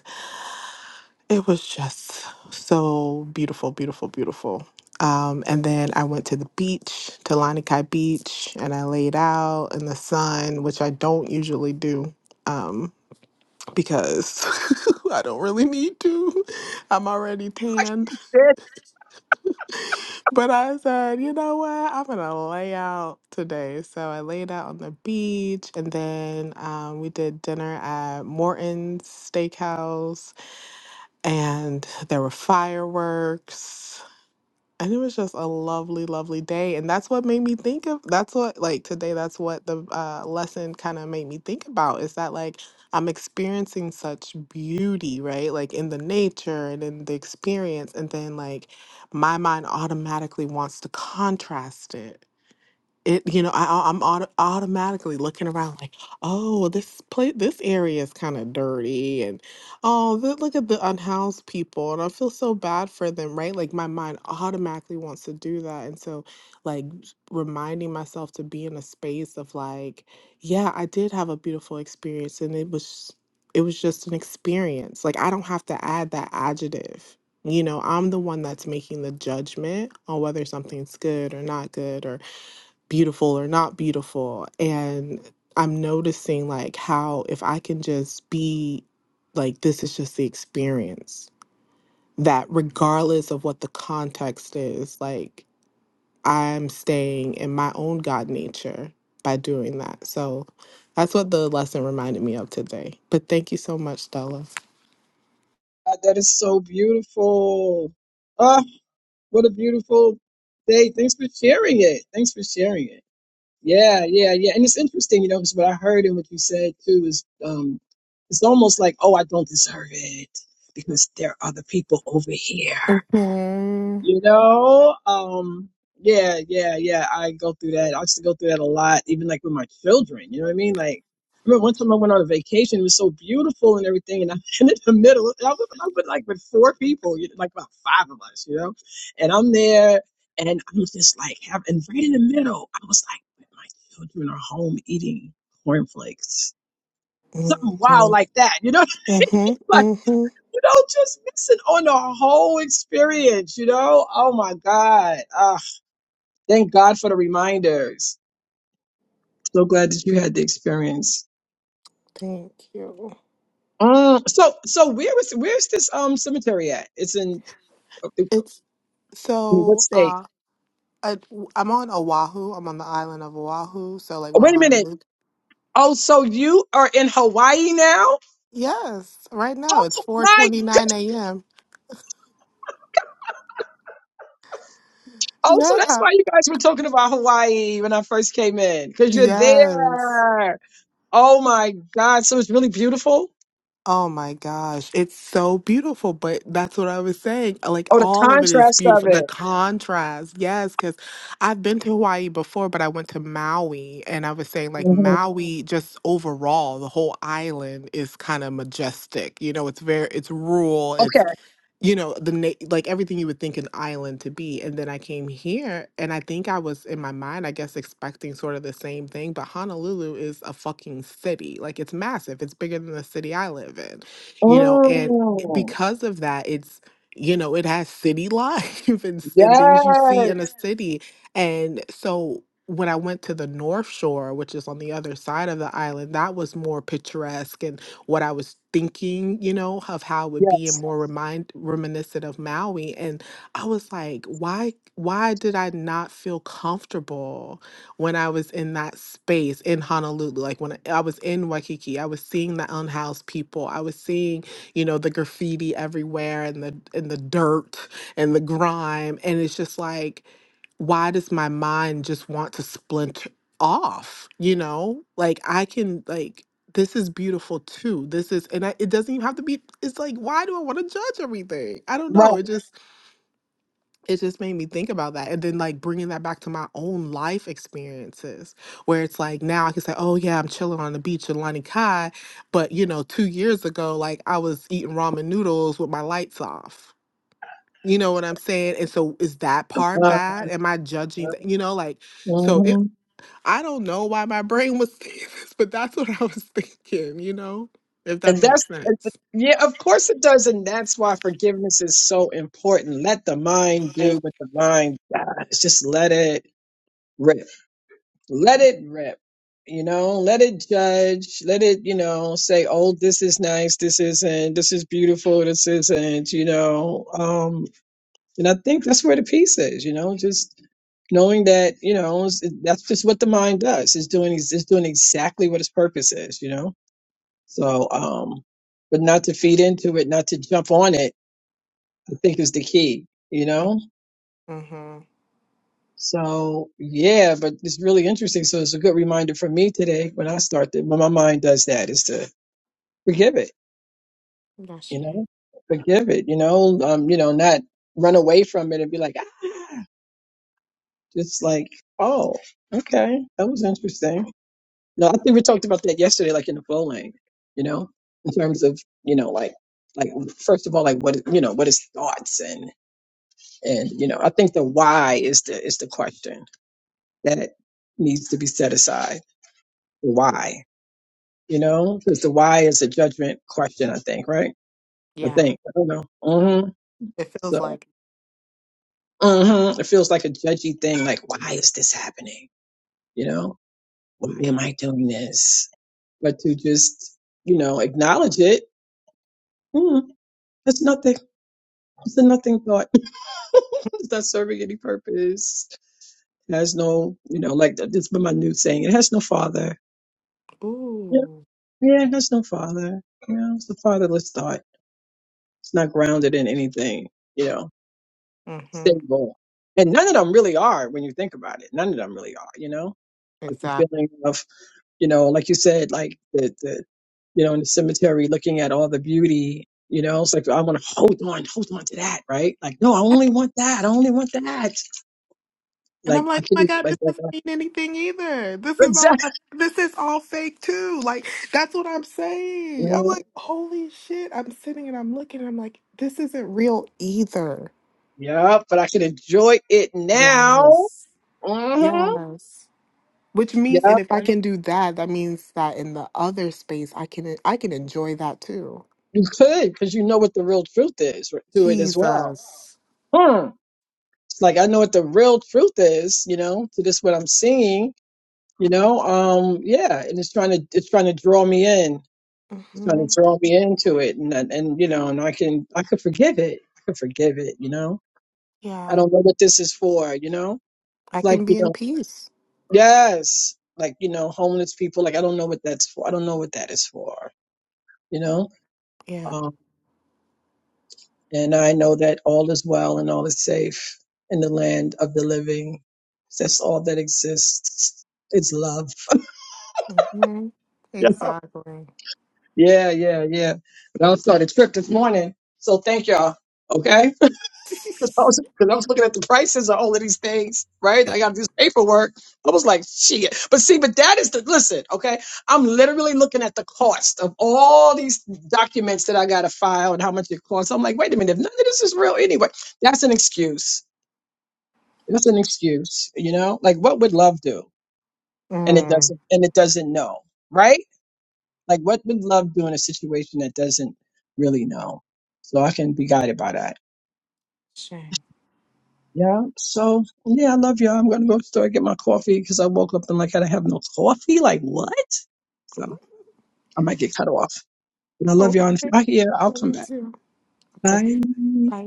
Speaker 2: It was just so beautiful, beautiful, beautiful. Um, and then I went to the beach, to Lanikai Beach, and I laid out in the sun, which I don't usually do um, because I don't really need to. I'm already tanned.
Speaker 3: shit.
Speaker 2: But I said, you know what? I'm going to lay out today. So I laid out on the beach, and then um, we did dinner at Morton's Steakhouse and there were fireworks and it was just a lovely lovely day and that's what made me think of that's what like today that's what the uh, lesson kind of made me think about is that like i'm experiencing such beauty right like in the nature and in the experience and then like my mind automatically wants to contrast it it you know I, i'm auto- automatically looking around like oh this place this area is kind of dirty and oh th- look at the unhoused people and i feel so bad for them right like my mind automatically wants to do that and so like s- reminding myself to be in a space of like yeah i did have a beautiful experience and it was it was just an experience like i don't have to add that adjective you know i'm the one that's making the judgment on whether something's good or not good beautiful or not beautiful and i'm noticing like how if i can just be like this is just the experience that regardless of what the context is like i'm staying in my own god nature by doing that so that's what the lesson reminded me of today but thank you so much stella
Speaker 3: God, that is so beautiful. Oh, what a beautiful day. Thanks for sharing it. Thanks for sharing it. Yeah, yeah, yeah. And it's interesting, you know, because what I heard and what you said too is um it's almost like, oh, I don't deserve it because there are other people over here.
Speaker 2: hmm
Speaker 3: you know um yeah yeah yeah i go through that i used to go through that a lot even like with my children you know what i mean like I remember one time I went on a vacation. It was so beautiful and everything, and I'm in the middle. And I was, I was like with four people, you know, like about five of us, you know. And I'm there, and I'm just like, having and right in the middle, I was like, my children are home eating cornflakes, something wild
Speaker 2: hmm
Speaker 3: like that, you know.
Speaker 2: hmm
Speaker 3: you know, just missing on the whole experience, you know? Oh my God. Ah, thank God for the reminders. So glad that you had the experience.
Speaker 2: thank you
Speaker 3: Mm, so, so where was, where's this um cemetery at? It's in, I mean,
Speaker 2: it's
Speaker 3: what
Speaker 2: so
Speaker 3: state?
Speaker 2: uh, I, I'm on Oahu. I'm on the island of Oahu. So like
Speaker 3: Oh,
Speaker 2: we're
Speaker 3: wait a minute.
Speaker 2: Honolulu.
Speaker 3: Oh, so you are in Hawaii now?
Speaker 2: Yes, right now
Speaker 3: Oh
Speaker 2: it's
Speaker 3: my!
Speaker 2: 4:29 a.m.
Speaker 3: Oh, so that's
Speaker 2: Yeah.
Speaker 3: why you guys were talking about Hawaii when I first came in, because you're
Speaker 2: Yes.
Speaker 3: there. Oh my God! So it's really beautiful.
Speaker 2: Oh my gosh, it's so beautiful, but that's what I was saying. Like
Speaker 3: Oh, the
Speaker 2: all of it is
Speaker 3: contrast of
Speaker 2: beautiful. The
Speaker 3: it.
Speaker 2: contrast. Yes, cuz I've been to Hawaii before, but I went to Maui and I was saying like
Speaker 3: Mhm.
Speaker 2: Maui just overall, the whole island is kind of majestic. You know, it's very it's rural, you know the na- like everything you would think an island to be and then i came here and i think i was in my mind i guess expecting sort of the same thing but honolulu is a fucking city like it's massive it's bigger than the city i live in you know and it-
Speaker 3: Mm,
Speaker 2: because of that it's you know it has city life and, s- and things you see in a
Speaker 3: yes,
Speaker 2: city and so when I went to the North Shore, which is on the other side of the island, that was more picturesque what I was thinking, you know, of how it would be and
Speaker 3: yes,
Speaker 2: more remind reminiscent of Maui. And I was like, why why did I not feel comfortable when I was in that space in Honolulu? Like when I I was in Waikiki, I was seeing the unhoused people. I was seeing, you know, the graffiti everywhere and the and the dirt and the grime. And it's just like why does my mind just want to splinter off you know like i can like this is beautiful too this is and I, it doesn't even have to be it's like why do i want to judge everything i don't
Speaker 3: right.
Speaker 2: know it just it just made me think about that and then like bringing that back to my own life experiences where it's like now i can say oh yeah i'm chilling on the beach in lani kai but you know two years ago like i was eating ramen noodles with my lights off you know what I'm saying? And so is that part
Speaker 3: Uh-huh.
Speaker 2: bad? Am I judging that? You know, like, so it,
Speaker 3: hmm
Speaker 2: I don't know why my brain was saying this, but that's what I was thinking, you know, if that
Speaker 3: And
Speaker 2: makes
Speaker 3: that's, and- but-
Speaker 2: sense.
Speaker 3: yeah, of course it does. And that's why forgiveness is so important. Let the mind do what the mind does. Just let it rip. Let it rip. You know, let it judge. Let it, you know, say, oh, this is nice. This isn't. This is beautiful. This isn't, you know. um, And I think that's where the peace is, you know, just knowing that, you know, it's, it, that's just what the mind does. It's doing ex- it's doing exactly what its purpose is, you know. So, um, but not to feed into it, not to jump on it, I think is the key, you know.
Speaker 2: Mm-hmm.
Speaker 3: So yeah, but it's really interesting. So it's a good reminder for me today when I start that when my mind does that is to forgive it, you
Speaker 2: That's you.
Speaker 3: know, forgive it, you know, um, you know, not run away from it and be like, ah, Just like, oh, okay, that was interesting. No, I think we talked about that yesterday, like in the phone lane, you know, in terms of, you know, like, like first of all, like what you know, what is thoughts and and you know, I think the why is the is the question that needs to be set aside. The why, you know, because the why is a judgment question. I think, right? I
Speaker 2: Yeah.
Speaker 3: think I don't know. hmm
Speaker 2: It feels
Speaker 3: So
Speaker 2: like,
Speaker 3: hmm it feels like a judgy thing. Like, why is this happening? You know, why am I doing this? but to just you know acknowledge it mm, it's nothing it's a nothing thought it's not serving any purpose it has no you know like this been my new saying it has no father yeah,
Speaker 2: ooh.
Speaker 3: yeah it has no father you know it's a fatherless thought it's not grounded in anything you know
Speaker 2: Mm-hmm.
Speaker 3: stable and none of them really are when you think about it none of them really are you know like the
Speaker 2: Exactly.
Speaker 3: feeling of you know, like you said, like the, the you know, in the cemetery looking at all the beauty, you know, it's like I want to hold on, hold on to that, right? Like, no, I only want that. I only want that.
Speaker 2: And
Speaker 3: Like
Speaker 2: I'm
Speaker 3: I
Speaker 2: like, oh
Speaker 3: can
Speaker 2: my God,
Speaker 3: like,
Speaker 2: this
Speaker 3: like
Speaker 2: doesn't
Speaker 3: uh,
Speaker 2: mean anything either. This is all
Speaker 3: exactly.
Speaker 2: my, this is all fake too. Like, that's what I'm saying. I'm like, holy shit. I'm sitting and I'm looking and I'm like, this isn't real either.
Speaker 3: Yeah, but I can enjoy it now.
Speaker 2: Yes.
Speaker 3: hmm
Speaker 2: Yes. Which means,
Speaker 3: Yeah,
Speaker 2: and if I can do that, that means that in the other space, I can I can enjoy that too.
Speaker 3: you could because you know what the real truth is r- to it as well.
Speaker 2: Jesus.
Speaker 3: Hmm. It's like I know what the real truth is, you know, to this what I'm seeing, you know. Um, yeah, and it's trying to it's trying to draw me in trying
Speaker 2: hmm
Speaker 3: to draw me into it and and and, you know and i can i could forgive it i could forgive it you know i
Speaker 2: Yeah,
Speaker 3: don't know what this is for you know
Speaker 2: I
Speaker 3: It's like
Speaker 2: can
Speaker 3: you
Speaker 2: be in
Speaker 3: know
Speaker 2: peace.
Speaker 3: yes like you know homeless people like i don't know what that's for i don't know what that is for you know
Speaker 2: Yeah.
Speaker 3: um and i know that all is well and all is safe in the land of the living that's all that exists it's love
Speaker 2: hmm
Speaker 3: yeah
Speaker 2: Exactly.
Speaker 3: yeah yeah yeah but i started start trip this morning so thank y'all okay because I was because I was looking at the prices of all of these things, right? I got to do this paperwork. I was like, shit. But see, but that is the listen, okay? I'm literally looking at the cost of all these documents that I got to file and how much it costs. I'm like, wait a minute, if none of this is real anyway. That's an excuse. That's an excuse, you know? Like, what would love do? And it
Speaker 2: mm.
Speaker 3: doesn't. And it doesn't know, right? Like, what would love do in a situation that doesn't really know? So I can be guided by that.
Speaker 2: Shame.
Speaker 3: Yeah. So yeah, I love y'all. I'm gonna go to the store and get my coffee because I woke up and like I don't have no coffee. Like what? So I might get cut off. And I love y'all. And if
Speaker 2: Okay.
Speaker 3: y'all here, I'll
Speaker 2: Love
Speaker 3: come
Speaker 2: you
Speaker 3: back.
Speaker 2: too. Okay.
Speaker 3: Bye.
Speaker 2: Bye.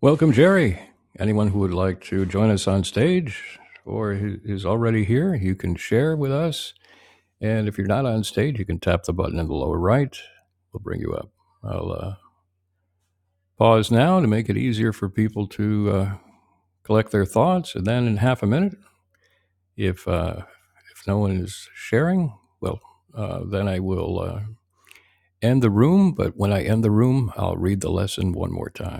Speaker 1: Welcome, Jerry. Anyone who would like to join us on stage or who is already here, you can share with us. And if you're not on stage, you can tap the button in the lower right. We'll bring you up. I'll uh, pause now to make it easier for people to uh, collect their thoughts. And then in half a minute, if, uh, if no one is sharing, well, uh, then I will uh, end the room. But when I end the room, I'll read the lesson one more time.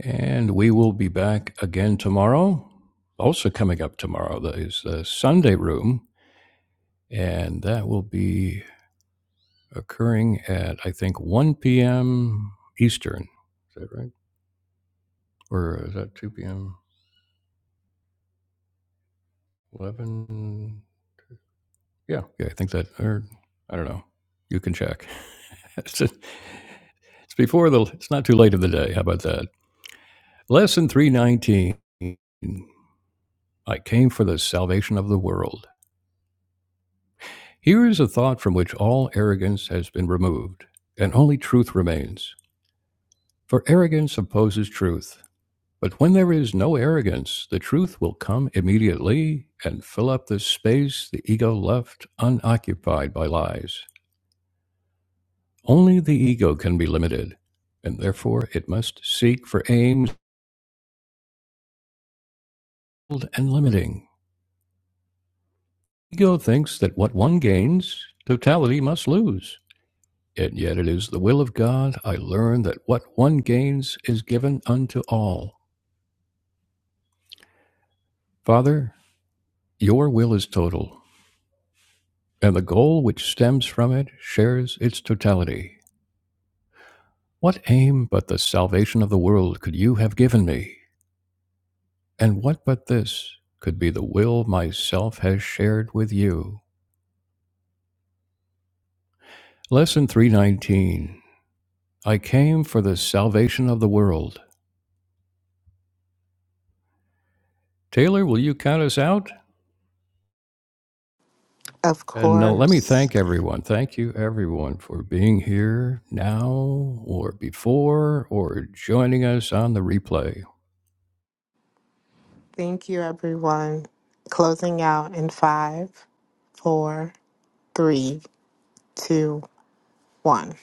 Speaker 1: And we will be back again tomorrow. Also, coming up tomorrow is the Sunday Room, and that will be occurring at, I think, 1 p.m. Eastern. Is that right? Or is that 2 p.m.? 11? Yeah, yeah, I think that, or I don't know. You can check. it's, a, it's before the, it's not too late in the day. How about that? Lesson 319 I came for the salvation of the world. Here is a thought from which all arrogance has been removed, and only truth remains. For arrogance opposes truth. But when there is no arrogance, the truth will come immediately and fill up the space the ego left unoccupied by lies. Only the ego can be limited, and therefore it must seek for aims and limiting. Ego thinks that what one gains, totality must lose. And yet it is the will of God I learn that what one gains is given unto all. Father, your will is total, and the goal which stems from it shares its totality. What aim but the salvation of the world could you have given me? And what but this could be the will myself has shared with you? Lesson 319 I came for the salvation of the world. Taylor, will you count us out?
Speaker 2: Of
Speaker 1: And uh, let me
Speaker 2: course.
Speaker 1: thank everyone. Thank you, everyone, for being here now or before or joining us on the replay.
Speaker 2: Thank you, everyone. Closing out in five, four, three, two, one.